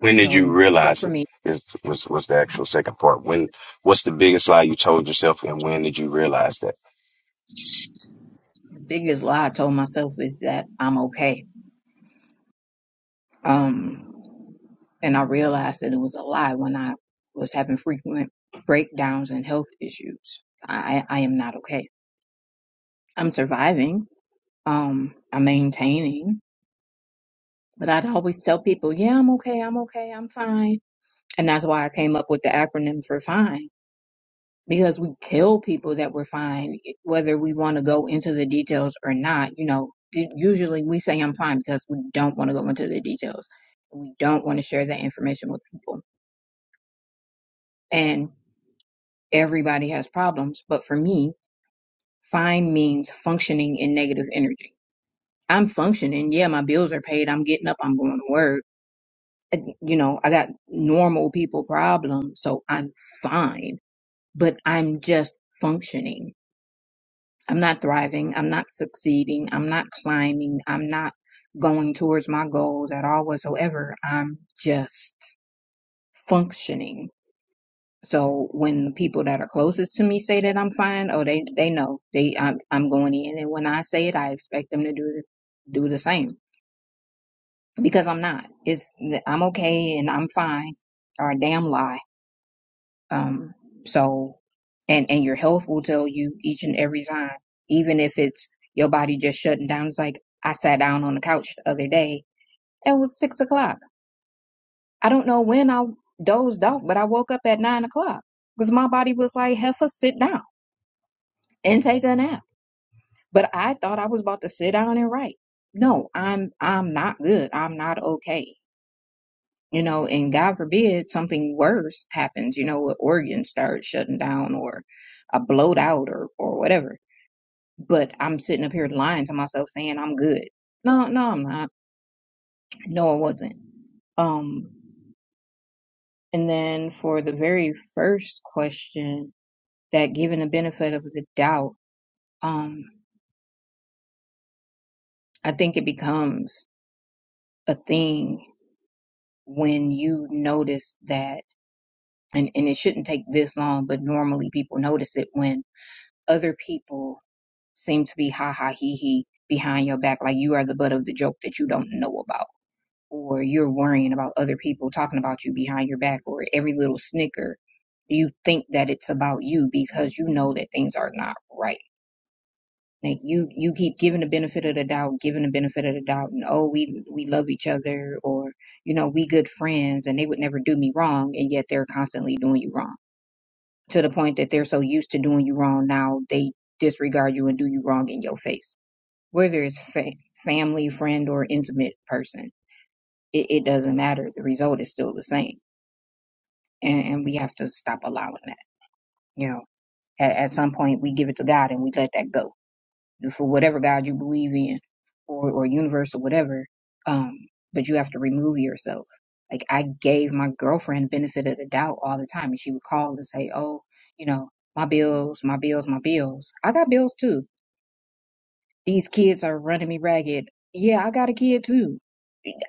Speaker 2: When did you
Speaker 3: so
Speaker 2: realize
Speaker 3: for
Speaker 2: it?
Speaker 3: me,
Speaker 2: Is was was the actual second part? When what's the biggest lie you told yourself, and when did you realize that?
Speaker 3: the biggest lie I told myself is that I'm okay. Um, and I realized that it was a lie when I was having frequent breakdowns and health issues. I, I I am not okay. I'm surviving. Um, I'm maintaining. But I'd always tell people, yeah, I'm okay, I'm okay, I'm fine. And that's why I came up with the acronym for fine. Because we tell people that we're fine, whether we want to go into the details or not. You know, u- usually we say I'm fine because we don't want to go into the details. We don't want to share that information with people. And everybody has problems. But for me, fine means functioning in negative energy. I'm functioning. Yeah, my bills are paid. I'm getting up. I'm going to work and, you know, I got normal people problems, so I'm fine, but I'm just functioning. I'm not thriving. I'm not succeeding. I'm not climbing. I'm not going towards my goals at all whatsoever. I'm just functioning. So when the people that are closest to me say that I'm fine, oh, they, they know they, I'm, I'm going in. And when I say it, I expect them to do, do the same because I'm not. It's, I'm okay and I'm fine or a damn lie Um, so, and and your health will tell you each and every time, even if it's your body just shutting down. It's like I sat down on the couch the other day. It was six o'clock. I don't know when I dozed off, but I woke up at nine o'clock because my body was like, "Heifer, sit down and take a nap." But I thought I was about to sit down and write. No, I'm I'm not good. I'm not okay. you know, and God forbid something worse happens, you know, an organ starts shutting down or a bloat out or, or whatever. But I'm sitting up here lying to myself saying I'm good. No, no, I'm not. No, I wasn't. Um, and then for the very first question, that given the benefit of the doubt, um, I think it becomes a thing when you notice that, and, and it shouldn't take this long, but normally people notice it when other people seem to be ha ha he he behind your back, like you are the butt of the joke that you don't know about, or you're worrying about other people talking about you behind your back, or every little snicker, you think that it's about you because you know that things are not right. Like you, you keep giving the benefit of the doubt, giving the benefit of the doubt, and oh, we we love each other, or you know, we good friends, and they would never do me wrong, and yet they're constantly doing you wrong to the point that they're so used to doing you wrong now they disregard you and do you wrong in your face whether it's fa- family, friend, or intimate person. It, it doesn't matter. The result is still the same, and, and we have to stop allowing that. You know, at, at some point we give it to God and we let that go for whatever God you believe in, or or universe or whatever. Um, but you have to remove yourself. Like I gave my girlfriend benefit of the doubt all the time, and she would call and say, "Oh, you know, my bills, my bills, my bills. I got bills too. These kids are running me ragged. Yeah, I got a kid too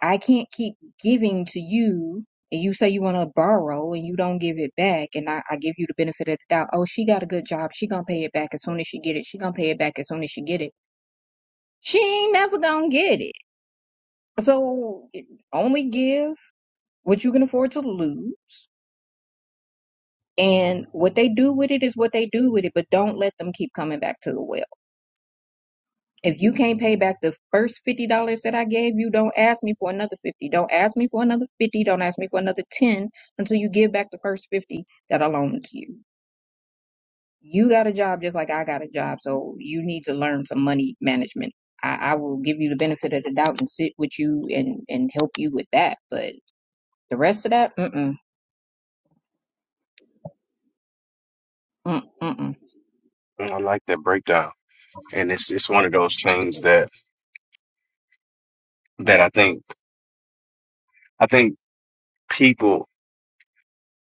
Speaker 3: I can't keep giving to you and you say you want to borrow and you don't give it back and I, I give you the benefit of the doubt. Oh, she got a good job. She gonna pay it back as soon as she get it. She gonna pay it back as soon as she get it. She ain't never gonna get it. So only give what you can afford to lose. And what they do with it is what they do with it, but don't let them keep coming back to the well If you can't pay back the first fifty dollars that I gave you, don't ask me for another fifty. Don't ask me for another fifty. Don't ask me for another ten until you give back the first fifty that I loaned to you. You got a job just like I got a job, so you need to learn some money management. I, I will give you the benefit of the doubt and sit with you and and help you with that, but the rest of that, mm mm mm mm.
Speaker 2: I like that breakdown and it's it's one of those things that that I think I think people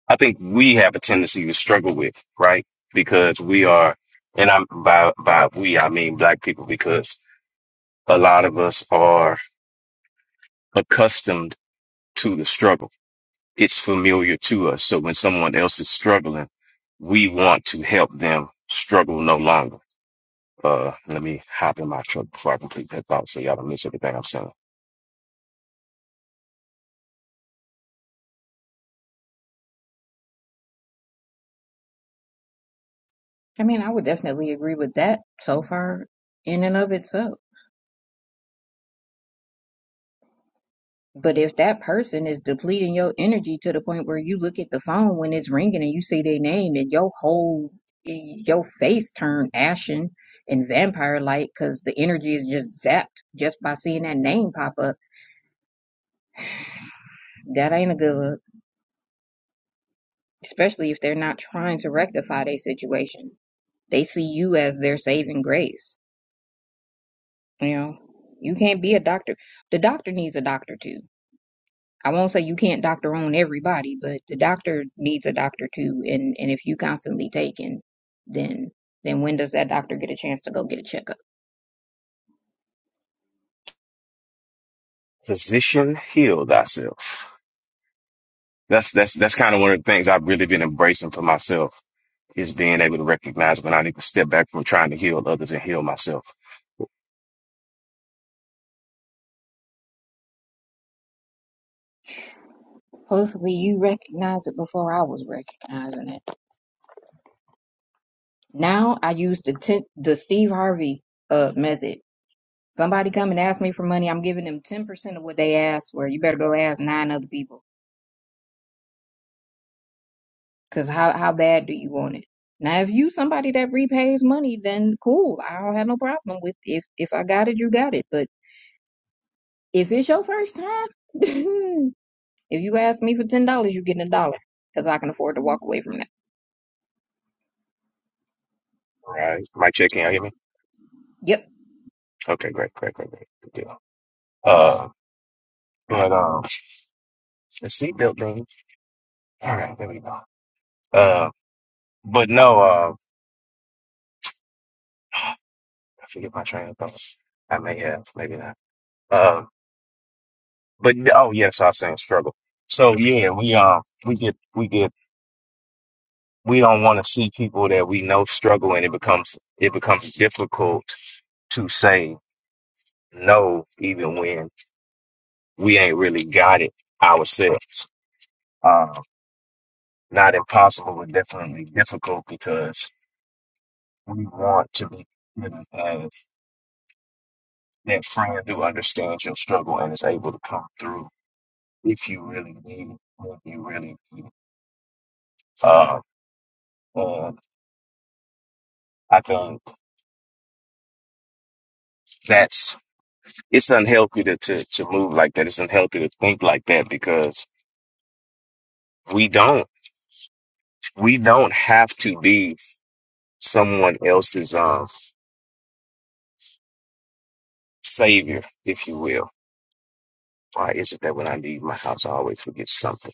Speaker 2: I think we have a tendency to struggle with right because we are and I'm by by we I mean black people because. a lot of us are accustomed to the struggle. It's familiar to us. So when someone else is struggling, we want to help them struggle no longer. Uh, let me hop in my truck before I complete that thought so y'all don't miss everything I'm saying.
Speaker 3: I mean, I would definitely agree with that so far in and of itself. But if that person is depleting your energy to the point where you look at the phone when it's ringing and you see their name and your whole your face turn ashen and vampire like because the energy is just zapped just by seeing that name pop up, that ain't a good look. Especially if they're not trying to rectify their situation. They see you as their saving grace. You know, you can't be a doctor. The doctor needs a doctor too I won't say you can't doctor on everybody, but the doctor needs a doctor too. And and if you constantly taking, then then when does that doctor get a chance to go get a checkup?
Speaker 2: Physician, heal thyself. That's, that's, that's kind of one of the things I've really been embracing for myself is being able to recognize when I need to step back from trying to heal others and heal myself.
Speaker 3: Hopefully you recognize it before I was recognizing it. Now I use the tip, the Steve Harvey uh method. Somebody come and ask me for money, I'm giving them ten percent of what they asked for. You better go ask nine other people. Cause how how bad do you want it? Now if you somebody that repays money, then cool. I don't have no problem with if if I got it, you got it. But If it's your first time, if you ask me for ten dollars, you getting a dollar because I can afford to walk away from that.
Speaker 2: All right. Mic check, can y'all hear me?
Speaker 3: Yep.
Speaker 2: Okay, great, great, great, great. Good deal. Uh, but, um, the seatbelt thing. All right, there we go. Uh, but no, uh, I forget my train of thought. I may have, maybe not. Uh, but yeah, oh yes, I was saying struggle. So yeah, we um we get we get we don't want to see people that we know struggle, and it becomes it becomes difficult to say no, even when we ain't really got it ourselves. Um, not impossible, but definitely difficult because we want to be. that friend who understands your struggle and is able to come through if you really need it, when you really need it. Uh, and I think that's it's unhealthy to, to to move like that. It's unhealthy to think like that because we don't we don't have to be someone else's um savior, if you will. Why is it that when I leave my house, I always forget something?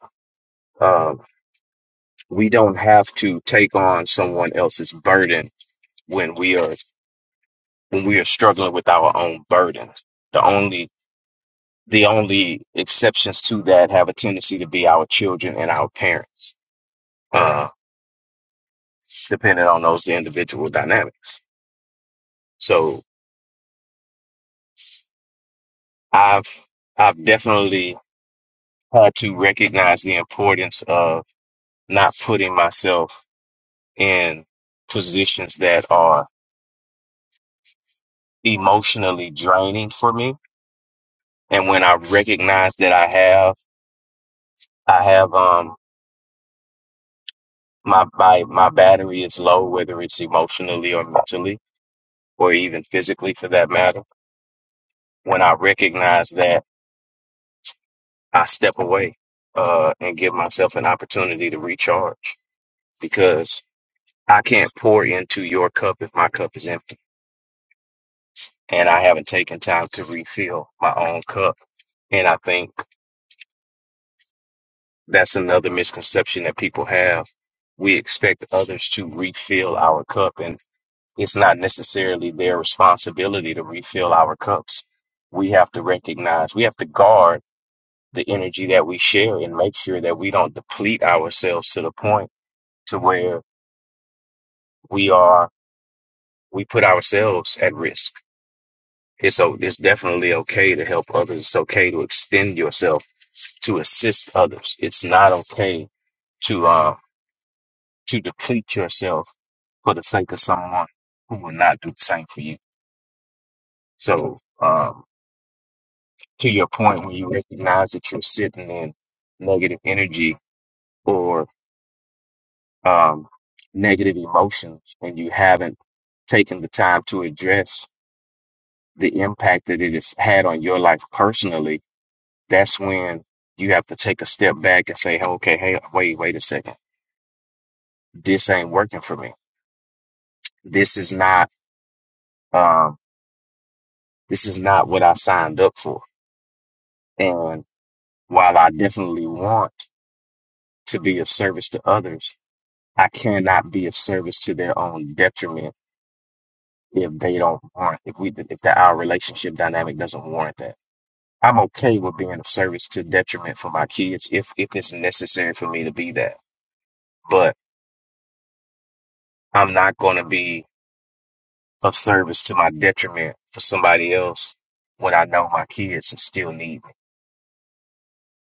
Speaker 2: Um, we don't have to take on someone else's burden when we are when we are struggling with our own burdens. The only the only exceptions to that have a tendency to be our children and our parents, uh, depending on those individual dynamics. So I've I've definitely had to recognize the importance of not putting myself in positions that are emotionally draining for me. And when I recognize that I have I have um. my my my battery is low, whether it's emotionally or mentally or even physically for that matter, when I recognize that I step away uh, and give myself an opportunity to recharge because I can't pour into your cup if my cup is empty and I haven't taken time to refill my own cup. And I think that's another misconception that people have. We expect others to refill our cup and. It's not necessarily their responsibility to refill our cups. We have to recognize, we have to guard the energy that we share and make sure that we don't deplete ourselves to the point to where we are, we put ourselves at risk. It's, so it's definitely okay to help others. It's okay to extend yourself to assist others. It's not okay to uh to deplete yourself for the sake of someone who will not do the same for you. So um to your point when you recognize that you're sitting in negative energy or um, negative emotions and you haven't taken the time to address the impact that it has had on your life personally, that's when you have to take a step back and say, okay, hey, wait, wait a second. This ain't working for me. This is not, um, this is not what I signed up for. And while I definitely want to be of service to others, I cannot be of service to their own detriment if they don't warrant if we if that our relationship dynamic doesn't warrant that. I'm okay with being of service to detriment for my kids if if it's necessary for me to be that. But I'm not gonna be of service to my detriment for somebody else when I know my kids still need me.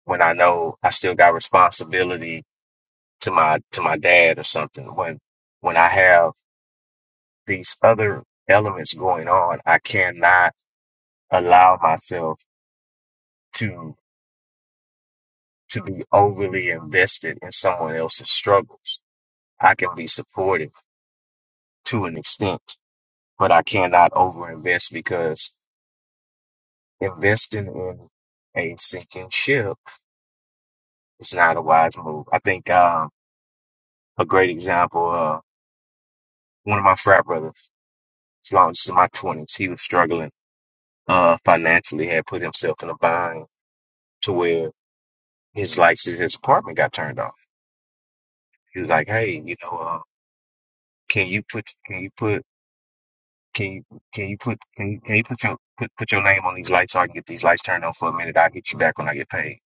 Speaker 2: When I know I still got responsibility to my to my dad or something. When when I have these other elements going on, I cannot allow myself to to be overly invested in someone else's struggles. I can be supportive to an extent, but I cannot overinvest because investing in a sinking ship is not a wise move. I think um, a great example, uh, one of my frat brothers, as long as in my twenties, he was struggling uh, financially, had put himself in a bind to where his lights in his apartment got turned off. He was like, "Hey, you know, uh, can you put can you put Can you can you put can you, can you put your put, put your name on these lights so I can get these lights turned on for a minute? I'll get you back when I get paid.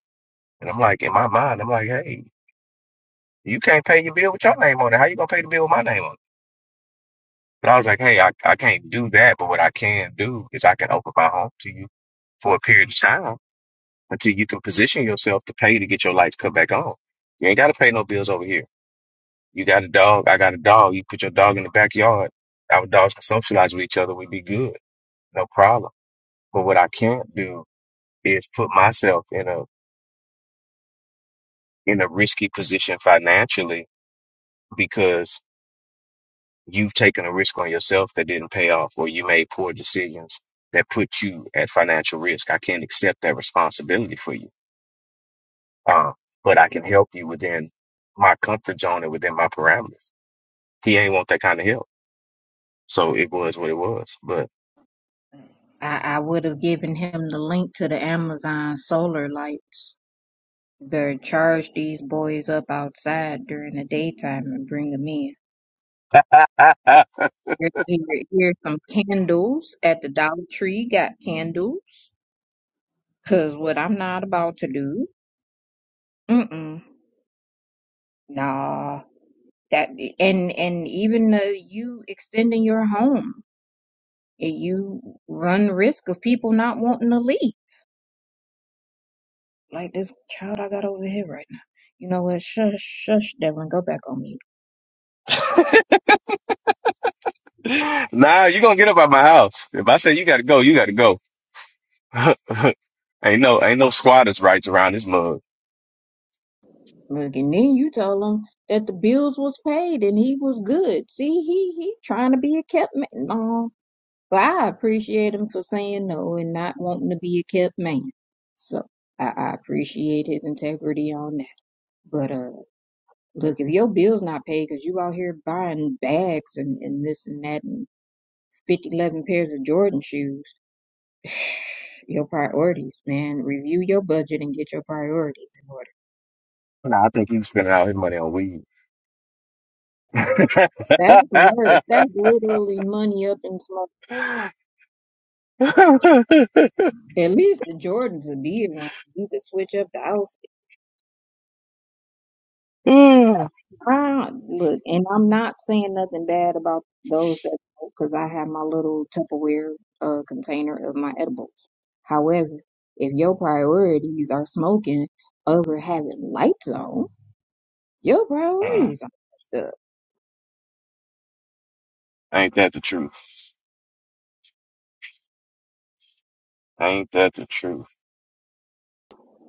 Speaker 2: And I'm like, in my mind, I'm like, hey, you can't pay your bill with your name on it. How you gonna pay the bill with my name on it? But I was like, hey, I, I can't do that. But what I can do is I can open my home to you for a period of time until you can position yourself to pay to get your lights cut back on. You ain't gotta pay no bills over here. You got a dog, I got a dog. You put your dog in the backyard. Our dogs can socialize with each other. We'd be good. No problem. But what I can't do is put myself in a in a risky position financially because you've taken a risk on yourself that didn't pay off or you made poor decisions that put you at financial risk. I can't accept that responsibility for you. Uh, but I can help you within my comfort zone and within my parameters. He ain't want that kind of help. So it was what it was. But
Speaker 3: I, I would have given him the link to the Amazon solar lights. Better charge these boys up outside during the daytime and bring them in. Here, here, here's some candles at the Dollar Tree. Got candles. Cause what I'm not about to do. Mm-mm. Nah. That and and even the, you extending your home. and you run risk of people not wanting to leave. Like this child I got over here right now. You know what? Shush, shush, Devlin, go back on mute.
Speaker 2: nah, you gonna get up out my house. If I say you gotta go, you gotta go. ain't no ain't no squatters rights around this mug.
Speaker 3: Look, and then you tell him that the bills was paid and he was good. See, he he trying to be a kept man. No, but I appreciate him for saying no and not wanting to be a kept man. So I, I appreciate his integrity on that. But uh, look, if your bills not paid because you out here buying bags and and this and that 50 11 pairs of Jordan shoes. Your priorities, man. Review your budget and get your priorities in order.
Speaker 2: Nah, I think he was spending all his money on weed. Ain't
Speaker 3: That's worse. That's literally money up in smoke. At least the Jordans would be around. You could switch up the outfit. I, look, and I'm not saying nothing bad about those that because I have my little Tupperware uh, container of my edibles. However, if your priorities are smoking over having lights on, your priorities are messed up.
Speaker 2: that the truth? Ain't that the truth?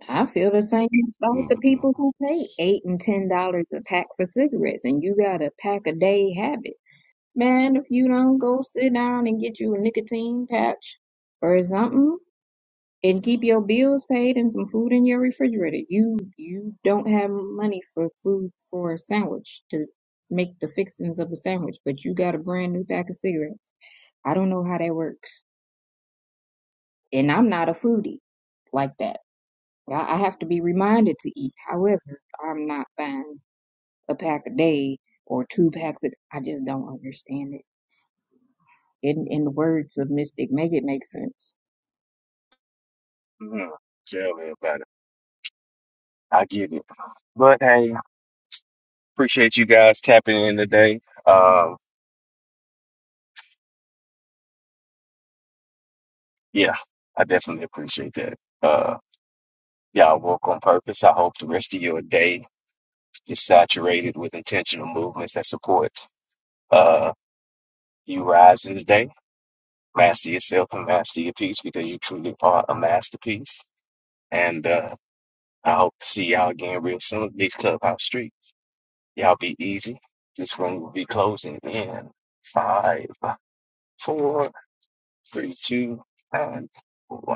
Speaker 3: I feel the same about the
Speaker 2: mm
Speaker 3: people who pay eight and ten dollars a pack for cigarettes, and you got a pack a day habit. Man, if you don't go sit down and get you a nicotine patch or something, and keep your bills paid and some food in your refrigerator, you you don't have money for food for a sandwich to make the fixings of a sandwich, but you got a brand new pack of cigarettes. I don't know how that works, and I'm not a foodie like that. I I have to be reminded to eat. However, I'm not buying a pack a day or two packs. A, I just don't understand it. In in the words of Mystic, make it make sense.
Speaker 2: mm Tell me about it. I get it. But hey, appreciate you guys tapping in today. Um, yeah, I definitely appreciate that. Uh, y'all work on purpose. I hope the rest of your day is saturated with intentional movements that support uh, you rising today. master yourself and master your piece because you truly are a masterpiece. And uh, I hope to see y'all again real soon. These clubhouse streets, y'all be easy. This room will be closing in five, four, three, two, and one.